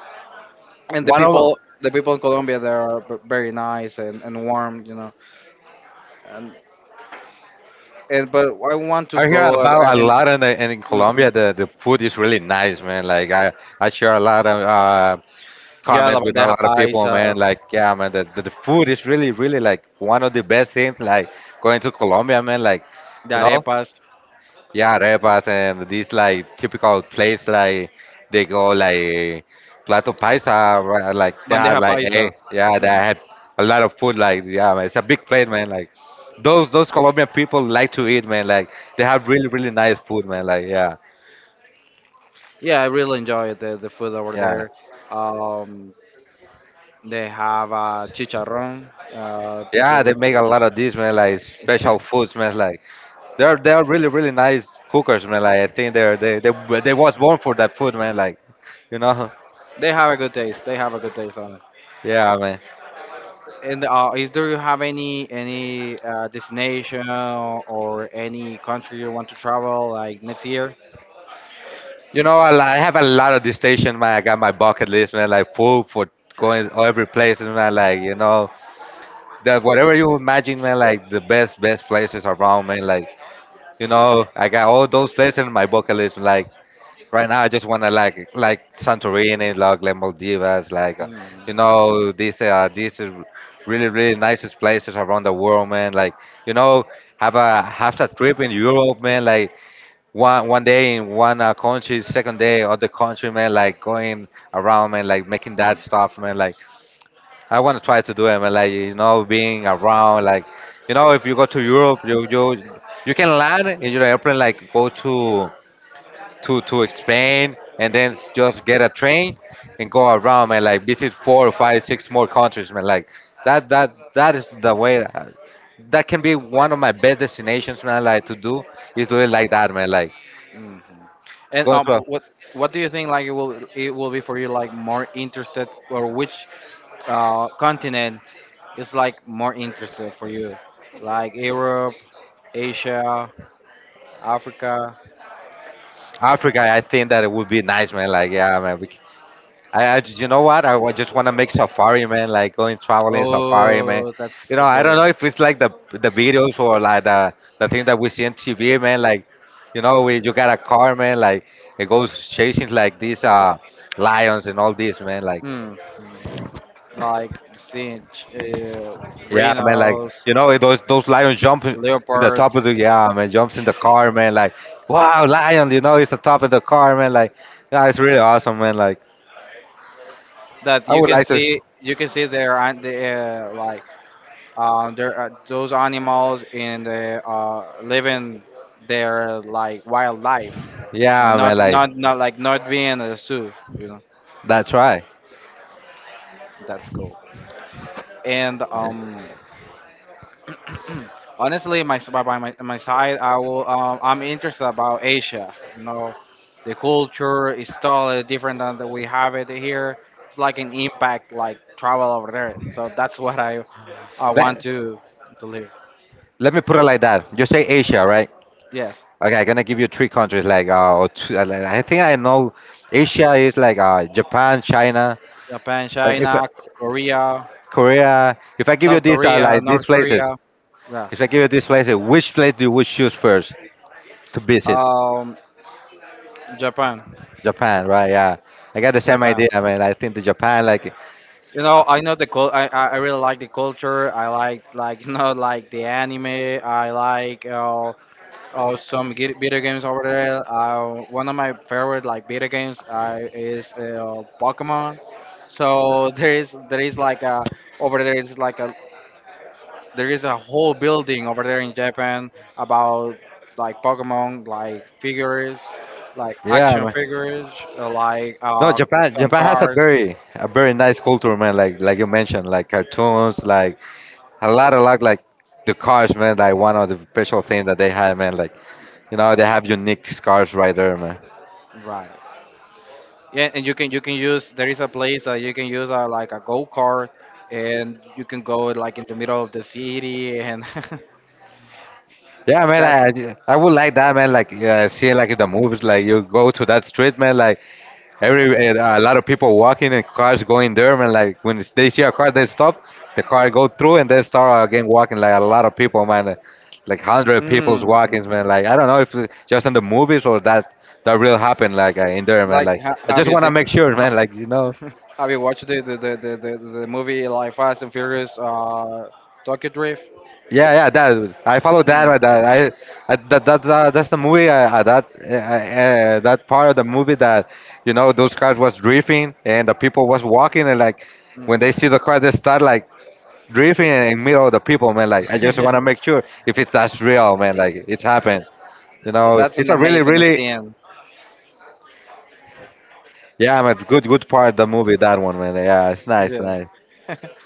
Speaker 1: And
Speaker 2: One of
Speaker 1: the people in Colombia, they are very nice and warm, you know. And and but I want to
Speaker 2: I hear
Speaker 1: go ab-
Speaker 2: about a
Speaker 1: and
Speaker 2: lot in the, in Colombia.
Speaker 1: mhm.
Speaker 2: The food is really nice, man. Like I share a lot of
Speaker 1: Yeah, la
Speaker 2: comments with a
Speaker 1: bandeja
Speaker 2: lot of people,
Speaker 1: paisa,
Speaker 2: man. Like yeah, man. The food is really really like one of the best things. Like going to Colombia, man. Like
Speaker 1: the
Speaker 2: you know.
Speaker 1: arepas,
Speaker 2: Yeah, repas and these like typical place like they go like plato paisa, right, like that
Speaker 1: bandeja
Speaker 2: like eh
Speaker 1: paisa.
Speaker 2: yeah they
Speaker 1: Mhm.
Speaker 2: had a lot of food like yeah man, it's a big plate, man. Like those Colombian people like to eat, man. Like they have really really nice food, man. Like yeah
Speaker 1: Yeah, I really enjoy the food over
Speaker 2: yeah
Speaker 1: there. Um, they have chicharrón.
Speaker 2: yeah they make a lot of these, man. Like special foods, man. Like they're really really nice cookers, man. Like I think they they was born for that food, man. Like you know
Speaker 1: They have a good taste. They have a good taste on.
Speaker 2: yeah, man.
Speaker 1: And is do you have any destination or any country you want to travel like next year?
Speaker 2: You know, I have a lot of destination, man. I got my bucket list, man. Like full for going every place, and man. Like you know, that whatever you imagine, man. Like the best, best places around, man. Like you know, I got all those places in my bucket list. Like right now, I just wanna like Santorini, like Maldivas, like you
Speaker 1: Mm,
Speaker 2: know, these are really really nicest places around the world, man. Like you know, have a trip in Europe, man. Like one day in one country, second day other country, man, like going around, man, like making that
Speaker 1: mm,
Speaker 2: stuff, man. Like I want to try to do it, man. Like you know, being around, like you know, if you go to Europe, you you can land in your airplane, like go to to Spain, and then just get a train and go around, man. Like visit four or five, six more countries, man. Like that is the way. That can be one of my best destinations, man. Like to do is do it like that, man. Like
Speaker 1: mhm. And
Speaker 2: going to a
Speaker 1: what do you think like it will, it will be for you like more interested, or which continent is like more interested for you? Like Europe, Asia, Africa.
Speaker 2: Africa, I think that it would be nice, man. Like, yeah, man. I, you know what? Just want to make safari, man. Like going traveling safari, man.
Speaker 1: Oh,
Speaker 2: You
Speaker 1: that's
Speaker 2: know,
Speaker 1: a
Speaker 2: I don't
Speaker 1: good.
Speaker 2: know if it's like the videos or like the thing that we see on TV, man. Like, you know, we you got a car, man. Like it goes chasing like these lions and all this, man. Like,
Speaker 1: Mm, mm. Like seeing
Speaker 2: yeah, man. Like,
Speaker 1: rhinos,
Speaker 2: you know, those lions jump in the top of
Speaker 1: leopards.
Speaker 2: the yeah, man. Jumps in the car, man. Like, wow, lion. You know, it's the top of the car, man. Like, yeah, it's really awesome, man. Like,
Speaker 1: That
Speaker 2: I
Speaker 1: you
Speaker 2: would
Speaker 1: can
Speaker 2: like to.
Speaker 1: see, you can see there aren't the, like there are those animals in the living, their like wildlife,
Speaker 2: Yeah, man, like
Speaker 1: not like, not being a zoo, you know.
Speaker 2: that's right.
Speaker 1: That's cool. And um, hmm. Honestly, my by my, my side, I will. I'm interested about Asia. You know, the culture is totally different than that we have it here. It's like an impact, like travel over there. So that's what I want
Speaker 2: Let,
Speaker 1: to live.
Speaker 2: let me put it like that. You say Asia, right?
Speaker 1: Yes,
Speaker 2: Okay, I'm gonna give you three countries like or two. Like, I think I know Asia is like Japan, China,
Speaker 1: Japan,
Speaker 2: if, I-
Speaker 1: China, Korea,
Speaker 2: Korea. If I give you
Speaker 1: South
Speaker 2: these uh,
Speaker 1: Korea,
Speaker 2: like these
Speaker 1: North
Speaker 2: places,
Speaker 1: Korea. Yeah.
Speaker 2: if I give you these places, which place do you would choose first to visit?
Speaker 1: Um, Japan,
Speaker 2: Japan, right? Yeah, I got the same
Speaker 1: Japan.
Speaker 2: idea, man. I think the Japan, like,
Speaker 1: You know, I know the I really like the culture. I like you know, like the anime. I like oh, some video games over there. One of my favorite like video games is Pokemon. So there is like a, over there is like a, there is a whole building over there in Japan about like Pokemon like figures, like
Speaker 2: yeah,
Speaker 1: action
Speaker 2: man.
Speaker 1: figures, uh, like
Speaker 2: No,
Speaker 1: uh,
Speaker 2: Japan.
Speaker 1: some
Speaker 2: Japan has a
Speaker 1: cars.
Speaker 2: very, a very nice culture, man. Like, you mentioned, like cartoons, like a lot of luck like the cars, man. Like one of the special things that they had, man, like, you know, they have unique cars right there, man.
Speaker 1: Right. Yeah, and you can use, there is a place that you can use, like a go kart, and you can go like in the middle of the city and.
Speaker 2: Yeah, man.
Speaker 1: That
Speaker 2: I would like that, man. Like, yeah, seeing like in the movies, like you go to that street, man. Like every a lot of people walking and cars going there, man. Like they see a car, they stop, the car go through, and they start again walking, like a lot of people, man. Like hundred people's
Speaker 1: mm,
Speaker 2: walking,
Speaker 1: mm,
Speaker 2: man. Like, I don't know if it's just in the movies or that real happened, like, in there, man.
Speaker 1: like
Speaker 2: Like
Speaker 1: ha
Speaker 2: I
Speaker 1: have
Speaker 2: just
Speaker 1: you
Speaker 2: want to
Speaker 1: seen,
Speaker 2: make sure,
Speaker 1: ha,
Speaker 2: man. Like, you know.
Speaker 1: have you watched the movie like Fast and Furious, uh, Tokyo Drift?
Speaker 2: Yeah, yeah, that I follow that,
Speaker 1: Mm,
Speaker 2: right. That's the movie. That part of the movie that, you know, those cars was drifting and the people was walking, and like when they see
Speaker 1: mm.
Speaker 2: the car, they start like drifting in middle of the people, man. Like I just want to make sure if it's that's real, man. Like, it's happened. You know,
Speaker 1: That's
Speaker 2: it's
Speaker 1: an
Speaker 2: a really
Speaker 1: amazing
Speaker 2: really
Speaker 1: scene.
Speaker 2: yeah, man, good part of the movie, that one, man. Yeah, it's nice
Speaker 1: Yeah.
Speaker 2: nice.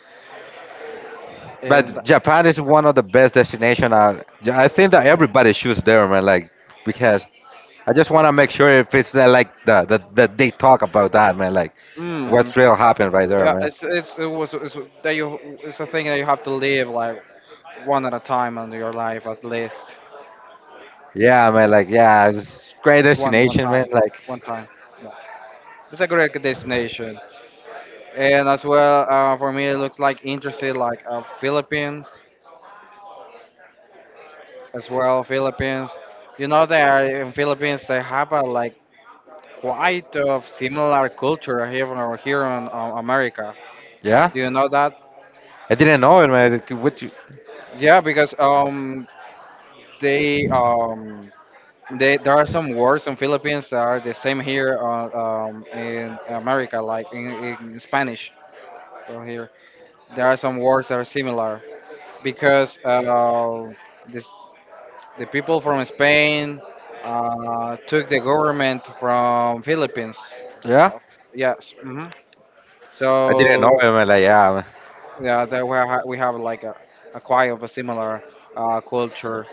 Speaker 1: And
Speaker 2: But Japan is one of the best destination. I think that everybody shoots there, man. Like. Because I just want to make sure if it's like the that they talk about that, man. Like,
Speaker 1: hmm
Speaker 2: what's real happened right there,
Speaker 1: yeah,
Speaker 2: man.
Speaker 1: it's that you, it's a thing that you have to live like one at a time in your life at least,
Speaker 2: Yeah, man. Like, yeah, it's great
Speaker 1: one one
Speaker 2: destination, man.
Speaker 1: time,
Speaker 2: Like,
Speaker 1: one time. Yeah. It's a great destination, and as well for me it looks like interested like Philippines. As well Philippines. You know, they are, in Philippines they have a like quite of similar culture here from here in America.
Speaker 2: yeah,
Speaker 1: Do you know that?
Speaker 2: I didn't know it, man. Like, what you?
Speaker 1: Yeah, because um, they um, they, there are some words in Philippines that are the same here, in America, like in Spanish here. There are some words that are similar because this the people from Spain took the government from Philippines.
Speaker 2: Yeah,
Speaker 1: Yes. Hmm.
Speaker 2: I didn't know it,
Speaker 1: So
Speaker 2: man. Like, yeah, man.
Speaker 1: yeah, that we, we have like a quite of a similar culture.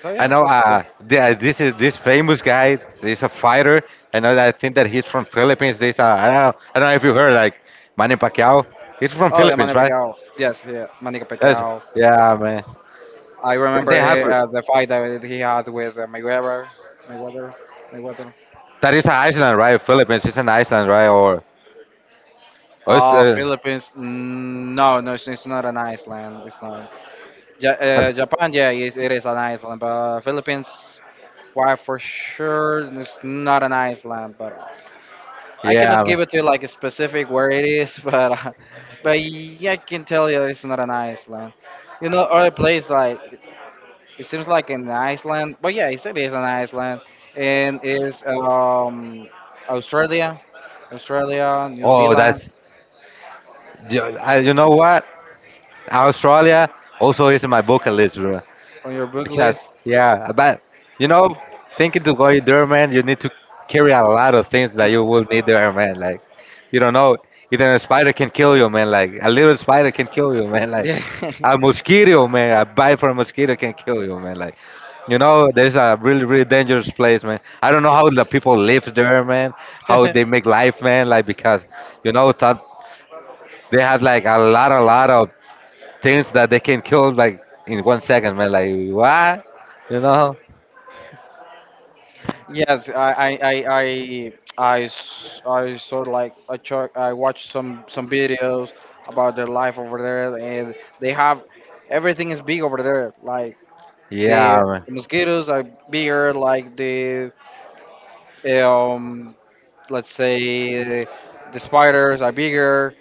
Speaker 1: So
Speaker 2: I
Speaker 1: yeah,
Speaker 2: know.
Speaker 1: that's cool.
Speaker 2: This is this famous guy. He's a fighter. I know that. I think that he's from Philippines. I don't know. I don't know if you heard like Manny Pacquiao. He's from
Speaker 1: Oh, the
Speaker 2: Philippines,
Speaker 1: Manny
Speaker 2: right?
Speaker 1: Pacquiao. Yes, yeah, Manny
Speaker 2: Yes.
Speaker 1: Pacquiao.
Speaker 2: Yeah, man.
Speaker 1: I remember
Speaker 2: They have.
Speaker 1: the fight that he had with Mayweather. Mayweather. Mayweather.
Speaker 2: That is an Iceland, right? Philippines is an Iceland, right? Or oh,
Speaker 1: Oh, Philippines. Mm, no, no, it's not an Iceland. It's not.
Speaker 2: uh,
Speaker 1: Japan, yeah, it is an Iceland, but Philippines, why, for sure it's not an Iceland, but I cannot
Speaker 2: yeah.
Speaker 1: give it to you like a specific where it is, but yeah, I can tell you that it's not an Iceland. You know, other place like it seems like an Iceland, but yeah, it is an Iceland, and is um, Australia, Australia, New
Speaker 2: Oh,
Speaker 1: Zealand
Speaker 2: that's. You know what? Australia also is in my bucket list, bro.
Speaker 1: on your book
Speaker 2: Because
Speaker 1: list.
Speaker 2: yeah, but, you know, thinking to go there, man, you need to carry a lot of things that you
Speaker 1: Mm.
Speaker 2: will need there, man. Like you don't know, even a spider can kill you, man. Like a little spider can kill you, man. Like
Speaker 1: Yeah.
Speaker 2: a mosquito, man, a bite from a mosquito can kill you, man. Like, you know, there's a really, really dangerous place, man. I don't know how the people live there, man. How they make life, man. Like, because, you know, that they have like a lot of things that they can kill like in one second, man. Like what? You know?
Speaker 1: Yes, I saw like I check, I watched some videos about their life over there, and they have, everything is big over there. Like
Speaker 2: Yeah, man.
Speaker 1: the mosquitoes are bigger, like the um let's say the spiders are bigger.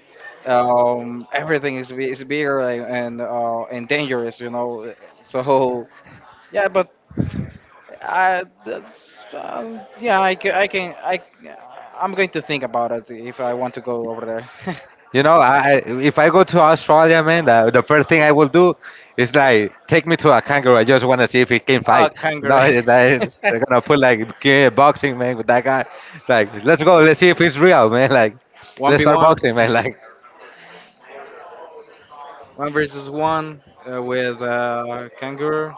Speaker 1: Everything is is bigger like, and dangerous, you know. So yeah, but I, that's, yeah, I, ca- I can, I'm going to think about it if I want to go over there.
Speaker 2: If I go to Australia, man, the first thing I will do is like take me to a kangaroo. I just want to see if he can
Speaker 1: Oh,
Speaker 2: fight. You
Speaker 1: kangaroo.
Speaker 2: know, it's like, they're gonna put like boxing, man, with that guy. Like, let's go, let's see if he's real, man. Like, let's start
Speaker 1: 1v1,
Speaker 2: boxing,
Speaker 1: 1
Speaker 2: man. Like,
Speaker 1: one versus 1 with kangaroo.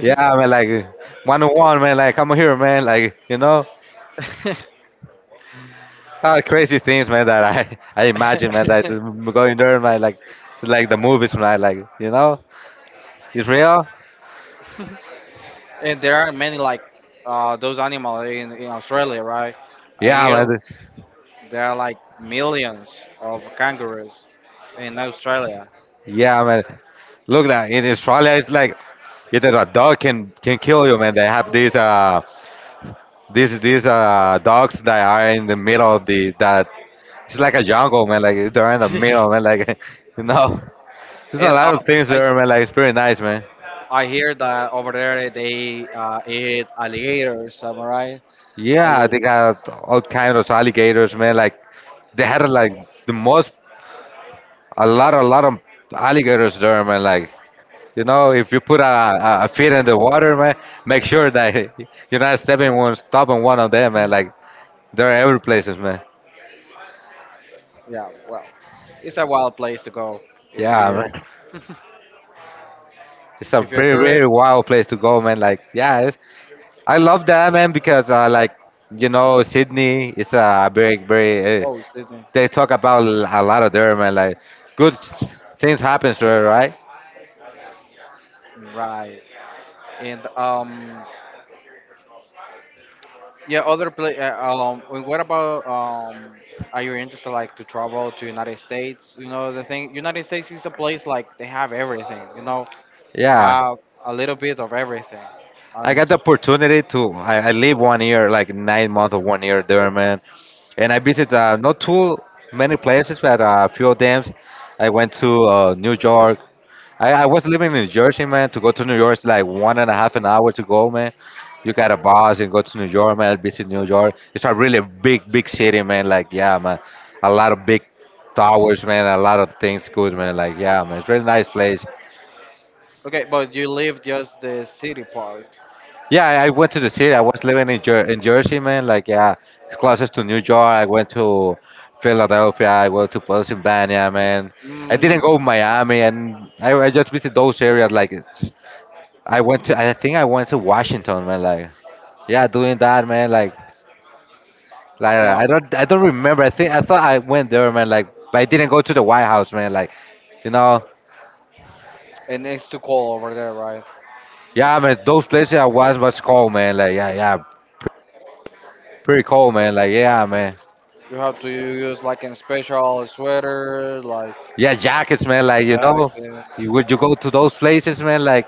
Speaker 2: yeah, man. Like, one on one, man. Like, come here, man. Like, you know. Ah, crazy things, man, that I, I imagine, man, that I'm going there, man. Like, it's like the movies, man. Like, you know, it's real.
Speaker 1: And there are many like those animals in Australia, right? I
Speaker 2: Yeah,
Speaker 1: hear
Speaker 2: man.
Speaker 1: there are like millions of kangaroos in Australia.
Speaker 2: Yeah, man. Look, that in Australia, it's like either a dog can kill you, man. They have these dogs that are in the middle of the that it's like a jungle, man. Like they're in the middle, man. Like, you know, there's a
Speaker 1: And
Speaker 2: lot of things
Speaker 1: I,
Speaker 2: there, man. Like, it's pretty nice, man.
Speaker 1: I hear that over there they eat alligators. Am I right?
Speaker 2: Yeah,
Speaker 1: Alli-
Speaker 2: they got all kinds of alligators, man. Like they had like the most, a lot of alligators there, man. Like, you know, if you put a feet in the water, man, make sure that you're not stepping one, stopping one of them, man. Like, they're every places, man.
Speaker 1: yeah. Well, it's a wild place to go if
Speaker 2: Yeah,
Speaker 1: you
Speaker 2: man. It's a
Speaker 1: if you're
Speaker 2: very, very
Speaker 1: curious.
Speaker 2: wild place to go, man. Like, yeah, it's, I love that, man, because like, you know, Sydney is a very, very. Uh,
Speaker 1: Oh, Sydney.
Speaker 2: they talk about a lot of there, man. Like, good things happens there, right?
Speaker 1: Right. And yeah. Other place. And what about um? Are you interested like to travel to United States? You know the thing. United States is a place like they have everything. You know,
Speaker 2: Yeah.
Speaker 1: have a little bit of everything.
Speaker 2: I got
Speaker 1: Honest.
Speaker 2: the opportunity to. I live one year, like 9 months of one year there, man. And I visited not too many places, but a few of them. I went to New York. I was living in New Jersey, man. To go to New York is like one and a half an hour to go, man. You got a bus and go to New York, man. Visit New York. It's a really big, big city, man. Like, yeah, man. A lot of big towers, man. A lot of things good, man. Like, yeah, man. It's really nice place.
Speaker 1: Okay, but you live just the city part.
Speaker 2: Yeah, I went to the city. I was living in Jersey, man. Like, yeah, it's closest to New York. I went to Philadelphia. I went to Pennsylvania, man. I didn't
Speaker 1: Mm,
Speaker 2: go Miami, and I just visited those areas. Like, I went to. I think I went to Washington, man. Like, yeah, doing that, man. Like,
Speaker 1: and
Speaker 2: I don't remember. I think I thought I went there, man. Like, but I didn't go to the White House, man. Like, you know,
Speaker 1: and it's too cold over there, right?
Speaker 2: yeah, man. Those places I was cold, man. Like, yeah, yeah, pretty cold, man. Like, yeah, man.
Speaker 1: You have to use like a special sweater, like
Speaker 2: Yeah, jackets, man. Like, you know,
Speaker 1: jacket,
Speaker 2: would you go to those places, man? Like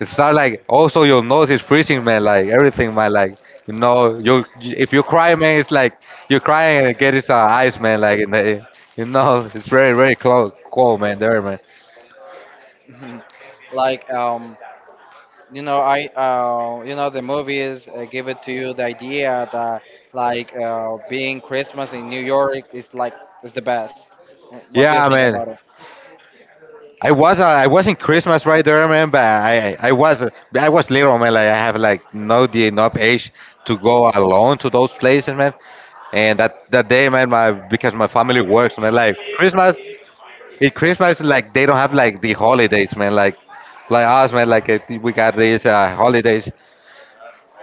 Speaker 2: it's start like also your nose is freezing, man. Like everything, man. Like, you know, you if you cry, man, it's like you're crying and it gets ice, man. Like in the, you know, it's very very cold, cold, man. There, man.
Speaker 1: like you know, I you know, the movies give it to you the idea that like being Christmas in New York is like is the best. What do you
Speaker 2: Yeah,
Speaker 1: think
Speaker 2: man.
Speaker 1: about it?
Speaker 2: I wasn't Christmas right there, man. But I was little, man. Like I have like no the enough age to go alone to those places, man. And that day, man, my because my family works, man. Like Christmas, it Christmas like they don't have like the holidays, man. Like us, man. Like if we got these holidays.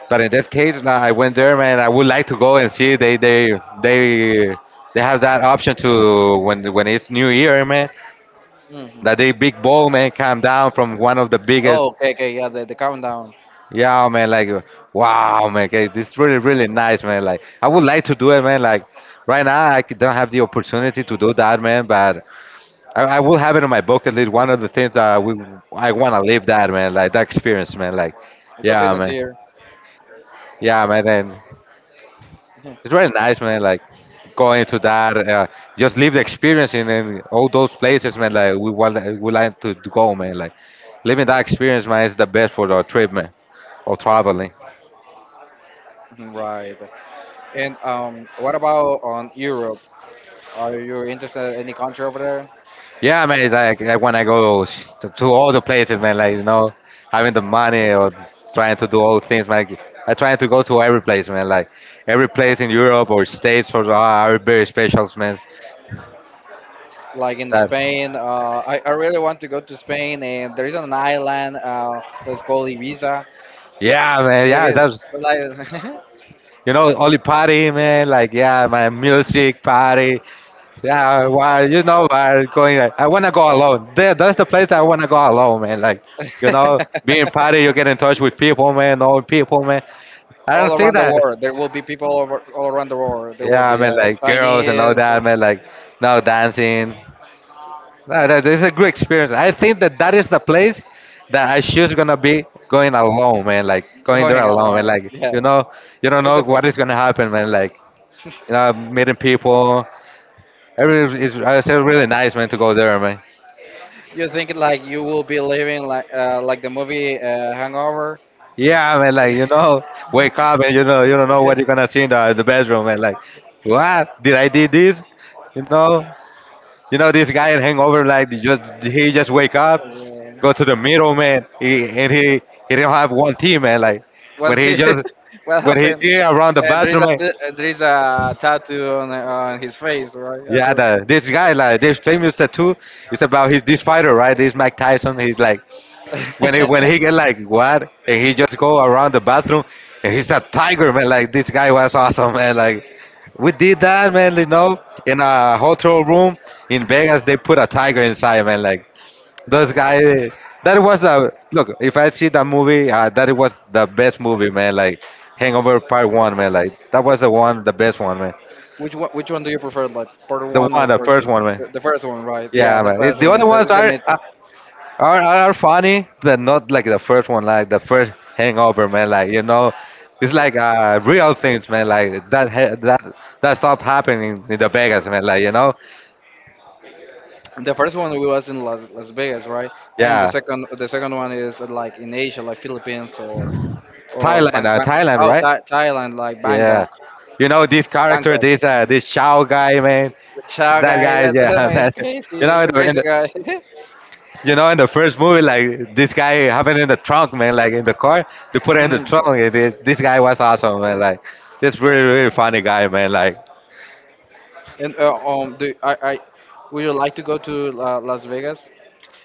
Speaker 2: But in this case, like, I went there, man. I would like to go and see they have that option to when it's New Year, man.
Speaker 1: Hmm.
Speaker 2: That the big ball, man, come down from one of the
Speaker 1: Oh,
Speaker 2: biggest.
Speaker 1: okay, okay, yeah, the countdown.
Speaker 2: Yeah, man. Like, wow, man. Okay, this is really, really nice, man. Like, I would like to do it, man. Like, right now don't have the opportunity to do that, man. But I will have it on my bucket list. One of the things that we I wanna live that, man. Like that experience, man. Like,
Speaker 1: The
Speaker 2: yeah,
Speaker 1: coconuts
Speaker 2: man.
Speaker 1: here.
Speaker 2: Yeah, man. And it's very nice, man. Like going to that, just live the experience in all those places, man. Like we like to go, man. Like living that experience, man, is the best for the trip, man, or traveling.
Speaker 1: Right. And what about on Europe? Are you interested in any country over there?
Speaker 2: Yeah, man. It's like when I go to all the places, man. Like, you know, having the money or trying to do all things, man. I trying to go to every place, man. Like every place in Europe or states or are very special, man.
Speaker 1: Like in
Speaker 2: That
Speaker 1: Spain. I really want to go to Spain, and there is an island that's called Ibiza.
Speaker 2: yeah, man. Yeah,
Speaker 1: David,
Speaker 2: that's
Speaker 1: like,
Speaker 2: you know, only party, man. Like, yeah, my music party. Yeah, why? You know, why going? Like, I wanna go alone. There, that's the place that I wanna go alone, man. Like, you know, being party, you get in touch with people, man. Know people, man. I don't
Speaker 1: all
Speaker 2: think
Speaker 1: around the
Speaker 2: that.
Speaker 1: world, there will be people over, all around the world. There will
Speaker 2: Yeah, I
Speaker 1: be
Speaker 2: mean, like girls and all
Speaker 1: Chinese
Speaker 2: that, man. Like now dancing. No, that is a great experience. I think that that is the place that I should gonna be going alone, man. Like going there
Speaker 1: going
Speaker 2: alone, man.
Speaker 1: along.
Speaker 2: Like,
Speaker 1: Yes,
Speaker 2: you know, you don't
Speaker 1: it's
Speaker 2: know
Speaker 1: the
Speaker 2: what
Speaker 1: best.
Speaker 2: is gonna happen, man. Like, you know, meeting people. It's really nice, man, to go there, man.
Speaker 1: You think like you will be living like the movie Hangover.
Speaker 2: Yeah, man, like wake up, and you don't know what you're gonna see in the bedroom, man. Like, what did I did this? You know, you know this guy in Hangover, like he just wake up, go to the middle, man, and he don't have one team, man. Like
Speaker 1: One
Speaker 2: when he
Speaker 1: thing,
Speaker 2: just
Speaker 1: what
Speaker 2: when he's
Speaker 1: happened?
Speaker 2: here around the
Speaker 1: There is
Speaker 2: bathroom,
Speaker 1: a
Speaker 2: like,
Speaker 1: there is a tattoo on his face, right? As
Speaker 2: yeah,
Speaker 1: well.
Speaker 2: this guy, like this famous tattoo. It's about his this fighter, right? This Mike Tyson. He's like, when he get like what, and he just go around the bathroom, and he's a tiger, man. Like this guy was awesome, man. Like we did that, man. You know, in a hotel room in Vegas, they put a tiger inside, man. Like those guys. That was the look. If I see that movie, that was the best movie, man. Like Hangover Part One, man. Like that was the one, the best one, man.
Speaker 1: Which one? Which one do you prefer, like part
Speaker 2: The
Speaker 1: one or
Speaker 2: one, the
Speaker 1: part
Speaker 2: first
Speaker 1: two?
Speaker 2: one, man.
Speaker 1: The first one, right? Yeah,
Speaker 2: Yeah,
Speaker 1: the
Speaker 2: man.
Speaker 1: first
Speaker 2: It, the
Speaker 1: one
Speaker 2: other ones
Speaker 1: is the
Speaker 2: are. Uh,
Speaker 1: mythic.
Speaker 2: are, are are funny, but not like the first one, like the first Hangover, man. Like it's like real things, man. Like that ha- that that stuff happening in the Vegas, man. Like
Speaker 1: The first one we was in Las, Las Vegas, right? And
Speaker 2: yeah,
Speaker 1: the second one is like in Asia, like Philippines or
Speaker 2: Thailand,
Speaker 1: Bang, Bang,
Speaker 2: Thailand,
Speaker 1: oh
Speaker 2: right?
Speaker 1: Thai, Thailand, like
Speaker 2: Yeah,
Speaker 1: Bangkok,
Speaker 2: you know this character,
Speaker 1: Bangkok.
Speaker 2: this uh,
Speaker 1: Um,
Speaker 2: this Chao guy, man.
Speaker 1: The Chow
Speaker 2: That
Speaker 1: guy,
Speaker 2: guy,
Speaker 1: that, that
Speaker 2: yeah,
Speaker 1: man
Speaker 2: man.
Speaker 1: is
Speaker 2: You
Speaker 1: crazy.
Speaker 2: know,
Speaker 1: He's
Speaker 2: in
Speaker 1: a
Speaker 2: the, in
Speaker 1: crazy
Speaker 2: the
Speaker 1: guy.
Speaker 2: you know in the first movie, like this guy happened in the trunk, man. Like in the car, they put it in the
Speaker 1: Mm,
Speaker 2: trunk.
Speaker 1: bro.
Speaker 2: This guy was awesome, man. Like this really really funny guy, man. Like
Speaker 1: And do I would you like to go to La, Las Vegas?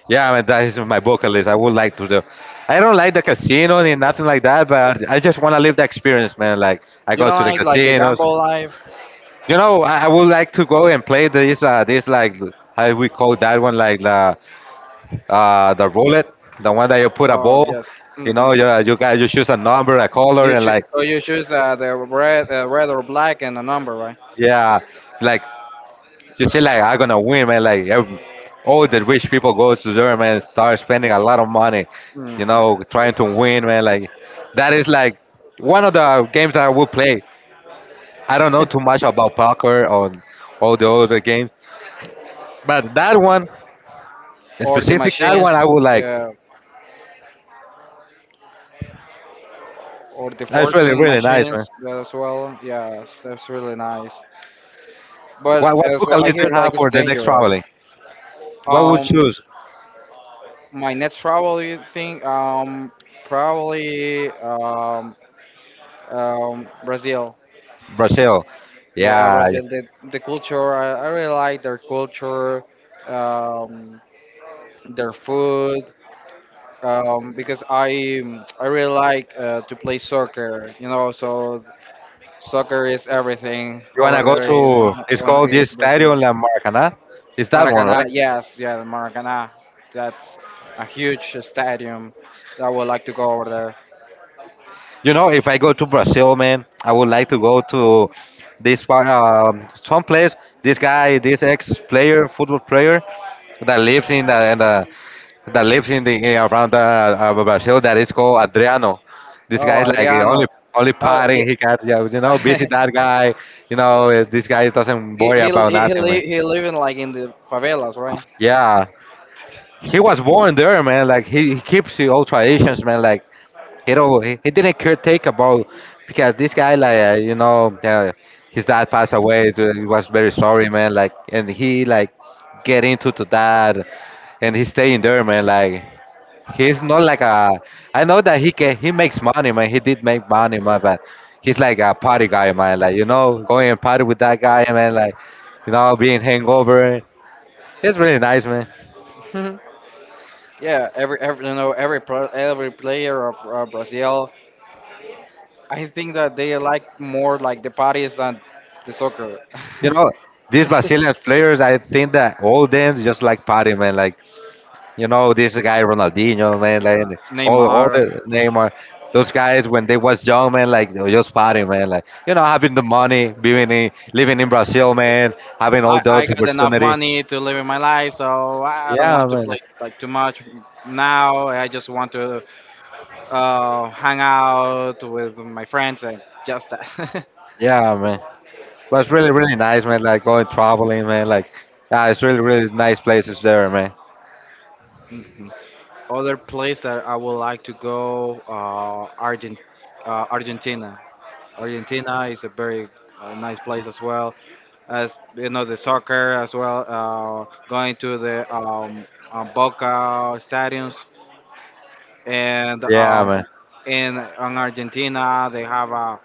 Speaker 2: yeah, I mean, that is my bucket list. I would like to do. I don't like the casino and nothing like that, but I just want to live the experience, man. Like I
Speaker 1: You
Speaker 2: go
Speaker 1: don't
Speaker 2: to the
Speaker 1: like the
Speaker 2: casinos.
Speaker 1: gamble life?
Speaker 2: You know, I would like to go and play this like how we call that one, like the roulette, the one that you put a
Speaker 1: Oh
Speaker 2: ball.
Speaker 1: yes.
Speaker 2: You
Speaker 1: Hmm.
Speaker 2: know, you choose a number, a color,
Speaker 1: You
Speaker 2: and
Speaker 1: choose,
Speaker 2: like
Speaker 1: so you choose the red, red or black and a number, right?
Speaker 2: yeah, like you see, like I'm gonna win, man. Like ev all the rich people go to there, man, start spending a lot of money,
Speaker 1: Hmm.
Speaker 2: trying to win, man. Like that is like one of the games that I would play. I don't know too much about poker or all the other games, but that one, in
Speaker 1: Or the
Speaker 2: specific, that one I
Speaker 1: machines,
Speaker 2: would like.
Speaker 1: the or the
Speaker 2: That's really
Speaker 1: fortune
Speaker 2: really nice, man.
Speaker 1: machines that as well. Yes, that's really nice.
Speaker 2: What
Speaker 1: But
Speaker 2: what
Speaker 1: as
Speaker 2: book
Speaker 1: well, I
Speaker 2: list do
Speaker 1: hear
Speaker 2: you have
Speaker 1: like it's
Speaker 2: for the next traveling?
Speaker 1: dangerous.
Speaker 2: What would you
Speaker 1: Um,
Speaker 2: choose?
Speaker 1: my next travel, you think, probably, Brazil.
Speaker 2: Brazil.
Speaker 1: Yeah,
Speaker 2: Yeah, you
Speaker 1: Brazil. The culture. I really like their culture. Um, their food. Because I really like to play soccer. You know, so soccer is everything over
Speaker 2: wanna go
Speaker 1: there
Speaker 2: to? It's called the
Speaker 1: in
Speaker 2: Estadio
Speaker 1: Brazil.
Speaker 2: La Maracanã. It's that one,
Speaker 1: Maracanã,
Speaker 2: right?
Speaker 1: yes, yeah, Maracanã. That's a huge stadium that I would like to go over there.
Speaker 2: You know, if I go to Brazil, man, I would like to go to this part, some place. This guy, this ex-player, football player, that lives in the, in the that lives in the in, around Brazil that is called Adriano. This
Speaker 1: Oh,
Speaker 2: guy is like the
Speaker 1: Adriano.
Speaker 2: only
Speaker 1: Oh, yeah.
Speaker 2: partying he can. Yeah, you know, visit that guy. You know, this guy doesn't worry about nothing, man.
Speaker 1: He living like in the favelas, right?
Speaker 2: Yeah, he was born there, man. Like he keeps the old traditions, man. Like he don't. He didn't care take about because this guy like his dad passed away. So he was very sorry, man. Like and he like get into to that, and he's staying there, man. Like he's not like a. I know that he can. He makes money, man. He did make money, man. But he's like a party guy, man. Like going and party with that guy, man. Like being hangover. It's really nice, man.
Speaker 1: Yeah, every every player of Brazil I think that they like more like the parties than the soccer.
Speaker 2: You know, these Brazilian players, I think that all them just like party, man. Like you know, this guy Ronaldinho, man, like all,
Speaker 1: Neymar.
Speaker 2: the Neymar, those guys when they was young, man, like they were just partying, man, like having the money, living in Brazil, man, having all
Speaker 1: I
Speaker 2: those
Speaker 1: got enough
Speaker 2: opportunity.
Speaker 1: money to live in my life, so I don't
Speaker 2: Yeah,
Speaker 1: want to
Speaker 2: man, like,
Speaker 1: play like too much now. I just want to hang out with my friends and just that.
Speaker 2: yeah, man. But it's really, really nice, man. Like going traveling, man. Like, yeah, it's really, really nice places there, man.
Speaker 1: Mhm. Other place that I would like to go, Argentina. Argentina is a very nice place as well. As you know the soccer as well going to the boca stadiums and
Speaker 2: Yeah, man.
Speaker 1: in argentina they have a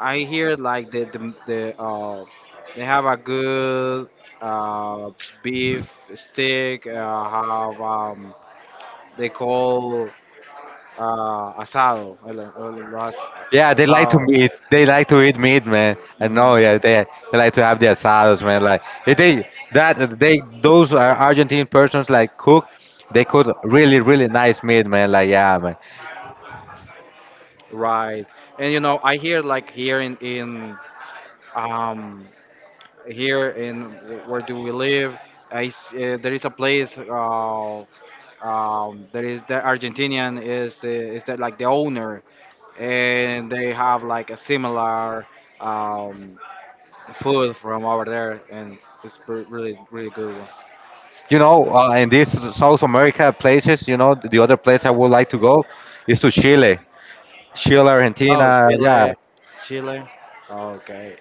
Speaker 1: I hear like the they have a good uh, beef stick have they call asado
Speaker 2: Yeah, they like to
Speaker 1: asado
Speaker 2: meat. They like to eat meat, man.
Speaker 1: I
Speaker 2: I
Speaker 1: mean,
Speaker 2: know. Yeah, they like to have their asados, man. Like if they that they those are Argentine persons like cook. They cook really really nice meat, man. Like yeah, man.
Speaker 1: right and you know I hear like here in um here in where do we live. I s There is a place. There is the Argentinian is the, is that like the owner, and they have like a similar um, food from over there, and it's really really good one.
Speaker 2: You know, in these South America places, you know, the other place I would like to go is to Chile, Chile,
Speaker 1: Oh,
Speaker 2: Argentina. Yeah,
Speaker 1: Chile, Chile. Okay.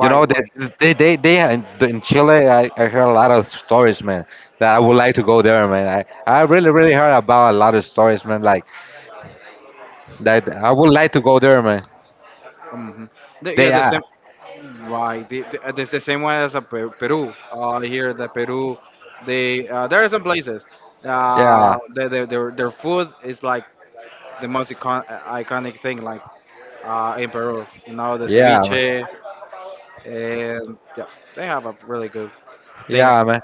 Speaker 2: you know, they
Speaker 1: Why?
Speaker 2: they they, they in Chile. I heard a lot of stories, man. That I would like to go there, man. I really really heard about a lot of stories, man. Like that I would like to go there, man.
Speaker 1: Mhm. The, yeah,
Speaker 2: They
Speaker 1: the
Speaker 2: are,
Speaker 1: same. Right, the, it's the same way as a Peru. Here, the Peru, they there are some places.
Speaker 2: yeah,
Speaker 1: The, their food is like the most iconic thing, like in Peru. You know, the
Speaker 2: Yeah, man.
Speaker 1: ceviche, and yeah, they have a really good
Speaker 2: Yeah,
Speaker 1: things.
Speaker 2: man.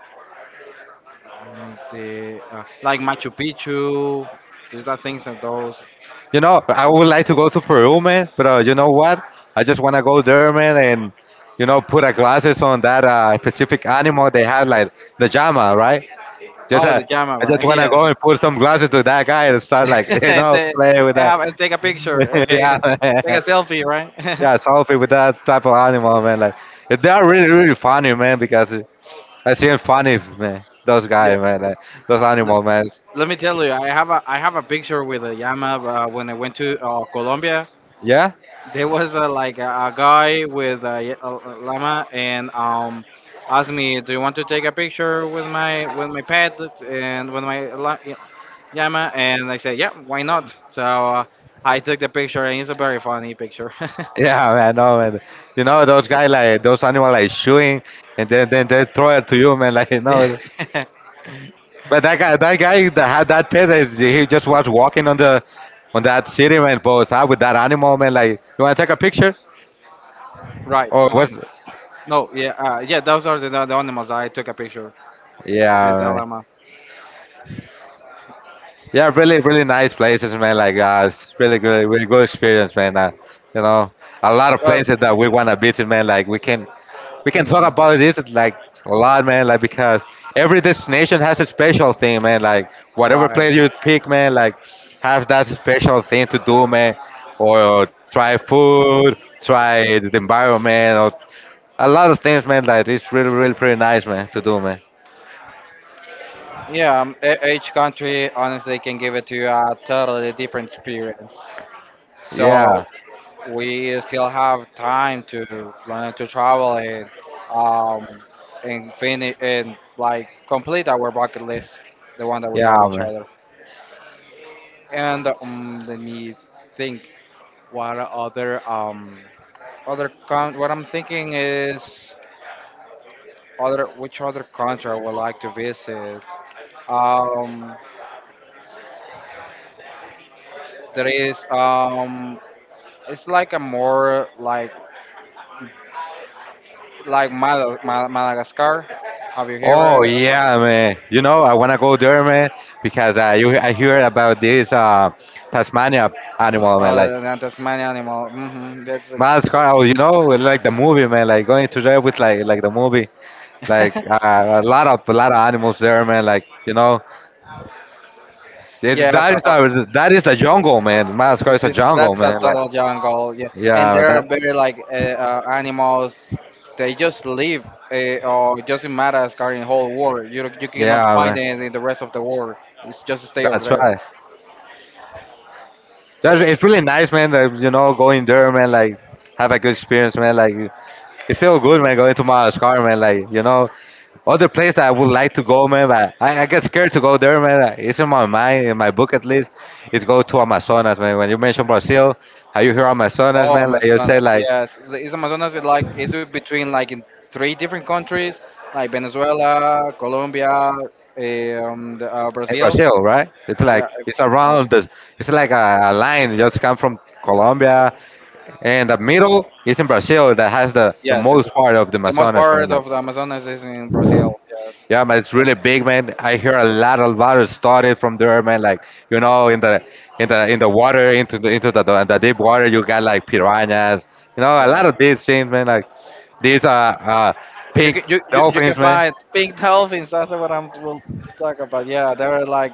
Speaker 1: Like the like Machu Picchu, these are things and those.
Speaker 2: You know, I would like to go to Peru, man. But you know what? I just want to go there, man, and put a glasses on that specific animal they have, like the llama, right? Just
Speaker 1: Oh, the llama,
Speaker 2: I just
Speaker 1: right?
Speaker 2: want to
Speaker 1: Yeah,
Speaker 2: go and put some glasses to that guy and start like
Speaker 1: and they,
Speaker 2: playing with
Speaker 1: and
Speaker 2: that.
Speaker 1: have and take a picture and they
Speaker 2: Yeah,
Speaker 1: take a
Speaker 2: man.
Speaker 1: selfie, right?
Speaker 2: Yeah, selfie with that type of animal, man. Like they are really, really funny, man, because that's even funny, man. Those
Speaker 1: Yeah.
Speaker 2: guys, man. Like, those animal, man.
Speaker 1: Let me tell you, I have a picture with a llama when I went to Colombia.
Speaker 2: Yeah,
Speaker 1: There was like a guy with a, a llama and asked me, "Do you want to take a picture with my pet and with my llama?" And I said, "Yeah, why not?" So I took the picture, and it's a very funny picture.
Speaker 2: yeah, man. No, man. You know those guys like those animal like shooing, and then they throw it to you, man. Like you
Speaker 1: Yeah.
Speaker 2: know. But that guy that had that pet, is he just was walking on the on that city, man. Both out with that animal, man. Like you want to take a picture
Speaker 1: Right.
Speaker 2: or
Speaker 1: Uh huh.
Speaker 2: what's?
Speaker 1: No. Yeah. Yeah. Those are the animals I took a picture. The
Speaker 2: Yeah,
Speaker 1: llama.
Speaker 2: yeah, really, really nice places, man. Like, it's really good, really good experience, man. You know, a lot of
Speaker 1: Well.
Speaker 2: places that we wanna visit, man. Like, we can talk
Speaker 1: Mhm.
Speaker 2: about this like a lot, man. Like, because every destination has a special thing, man. Like, whatever
Speaker 1: Right.
Speaker 2: place you pick, man, like, has that special thing to do, man. Or try food, try the environment, or a lot of things, man. Like, it's really, really, pretty nice, man, to do, man.
Speaker 1: Yeah, each country honestly can give it to you a totally different experience.
Speaker 2: Yeah,
Speaker 1: So we still have time to plan to travel um and finish and like complete our bucket list, the one that we have
Speaker 2: yeah,
Speaker 1: each
Speaker 2: man.
Speaker 1: other. And let me think. What other other con? What I'm thinking is other which other country I would like to visit. Um, there is it's like a more like Mal Mal Madagascar. Have you
Speaker 2: Oh
Speaker 1: heard about
Speaker 2: yeah, man. You know, I wanna go there, man, because I hear about this Tasmania animal, man. Like
Speaker 1: the Tasmanian animal? Hmm. That's
Speaker 2: Madagascar, you know, like the movie, man. Like going to there with like the movie, like
Speaker 1: a
Speaker 2: a lot of animals there, man. Like
Speaker 1: yeah. So
Speaker 2: that is the jungle, man. Madagascar
Speaker 1: it's
Speaker 2: is a
Speaker 1: this
Speaker 2: jungle,
Speaker 1: that's a
Speaker 2: man. Like
Speaker 1: total jungle. Yeah, and
Speaker 2: yeah,
Speaker 1: there are
Speaker 2: that
Speaker 1: very like animals. They just live or just in Madagascar in whole world. You cannot
Speaker 2: yeah,
Speaker 1: find
Speaker 2: man.
Speaker 1: it in the rest of the world. It's just stay over
Speaker 2: That's
Speaker 1: there.
Speaker 2: right. It's really nice, man. That, going there, man. Like, have a good experience, man. Like, it feel good, man. Going to Madagascar, man. Like, other place that I would like to go, man. But I get scared to go there, man. Like, it's in my mind, in my book at least. Is go to Amazonas, man. When you mention Brazil, how you hear Amazonas,
Speaker 1: Oh,
Speaker 2: man? Like you say,
Speaker 1: Amazonas,
Speaker 2: like
Speaker 1: yes. Is Amazonas it like is it between like in three different countries, like Venezuela, Colombia, the,
Speaker 2: in
Speaker 1: Brazil?
Speaker 2: Brazil, right? It's
Speaker 1: Yeah,
Speaker 2: like it's
Speaker 1: uh,
Speaker 2: around. It's like a line. Just come from Colombia, and the middle is in Brazil. That has the
Speaker 1: yes. And
Speaker 2: most part of the
Speaker 1: the most
Speaker 2: Amazonas, man.
Speaker 1: part
Speaker 2: Like.
Speaker 1: of the Amazonas is in Brazil. Yes.
Speaker 2: Yeah, man, it's really big, man. I hear a lot of water started from there, man. Like you know, in the water, the deep water, you got like piranhas. You know, a lot
Speaker 1: Wow.
Speaker 2: of these things, man. Like these are
Speaker 1: You
Speaker 2: pink
Speaker 1: can you can
Speaker 2: dolphins, man.
Speaker 1: find pink dolphins. That's what I'm will talk about. Yeah, they're like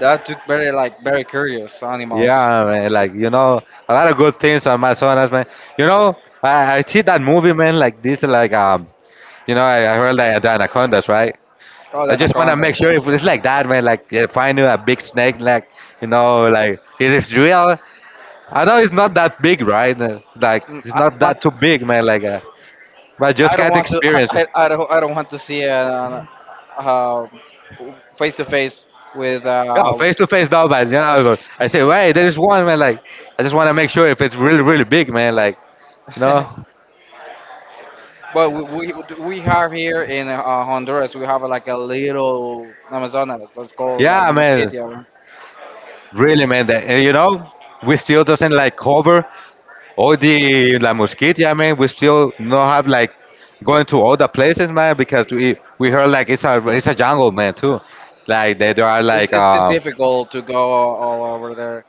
Speaker 1: that took very like very curious animals.
Speaker 2: Yeah, man. Like a lot of good things on Amazonas, man. You know, I see that movie, man. Like this, like you know, I heard like the anacondas, right?
Speaker 1: Oh, the
Speaker 2: I just want to make
Speaker 1: anacondas.
Speaker 2: sure if it's like that, man. Like, they find you a big snake, like, like, it is real. I know it's not that big, right? Like
Speaker 1: Mm,
Speaker 2: it's not that too big, man. Like, but I just
Speaker 1: I don't
Speaker 2: can't
Speaker 1: want to
Speaker 2: experience.
Speaker 1: I don't want to see an uh, face to face with.
Speaker 2: Yeah, face to face now, but I say, wait, there is one, man. Like, I just want to make sure if it's really, really big, man. Like, you know,
Speaker 1: But we have here in Honduras we have like a little Amazonas. Let's call like
Speaker 2: yeah, man,
Speaker 1: Mosquito.
Speaker 2: really, man. That, and, you know, we still doesn't like cover all the La Mosquitia, man. We still not have like going to all the places, man, because we heard like it's a jungle, man, too. Like that there are like
Speaker 1: It's difficult to go all over there.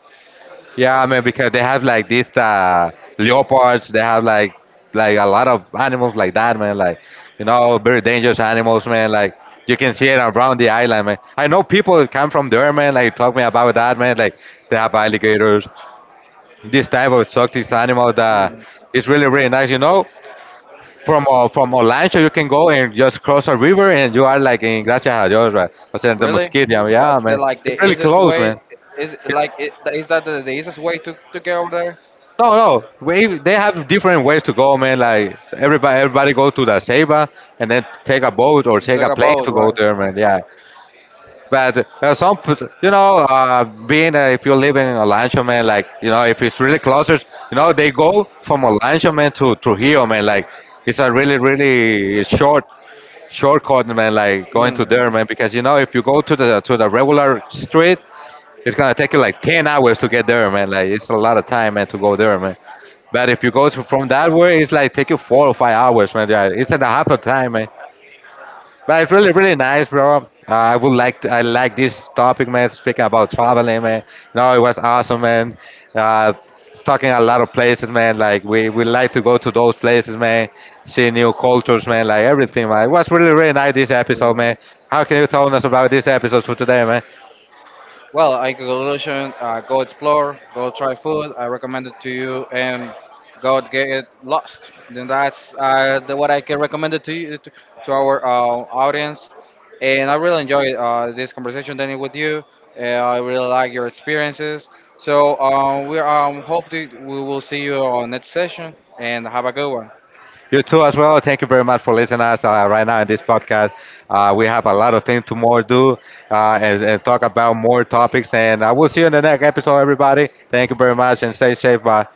Speaker 2: yeah, I mean because they have like these leopards, they have like a lot of animals like that, man. Like very dangerous animals, man. Like you can see it around the island, man. I know people that come from there, man. Like talk me about that, man. Like they have alligators, this type of exotic animal that
Speaker 1: Mm,
Speaker 2: is really really nice. You know, from Olancho you can go and just cross a river and you are like in Gracias a Dios, right? Or the
Speaker 1: really?
Speaker 2: mosquito, yeah,
Speaker 1: That's the
Speaker 2: man.
Speaker 1: like the
Speaker 2: It's really
Speaker 1: easiest
Speaker 2: close,
Speaker 1: way.
Speaker 2: man.
Speaker 1: Is like it, is that the easiest way to get over there?
Speaker 2: No, no. They have different ways to go, man. Like everybody go to the Ceiba and then take a boat or take
Speaker 1: Take
Speaker 2: a
Speaker 1: a
Speaker 2: plane
Speaker 1: boat,
Speaker 2: to
Speaker 1: right?
Speaker 2: go there, man. Yeah. But you know, being if you live in Olancho, man, like you know, if it's really closer, you know, they go from Olancho, man, to Trujillo, man. Like it's a really, really short shortcut, man, like going to there, man, because you know if you go to the regular street, it's gonna take you like 10 hours to get there, man. Like it's a lot of time, man, to go there, man. But if you from that way, it's like take you 4 or 5 hours, man. Yeah, it's in a half a time, man. But it's really, really nice, bro. I like this topic, man. Speak about traveling, man. No, it was awesome, man. Uh, Talking a lot of places, man. Like we like to go to those places, man. See new cultures, man. Like everything, man. It was really, really nice this episode, man. How can you tell us about this episode for today, man? You too as well. Thank you very much for listening us right now in this podcast. We have a lot of things to more do and talk about more topics. And I will see you in the next episode, everybody. Thank you very much and stay safe. Bye.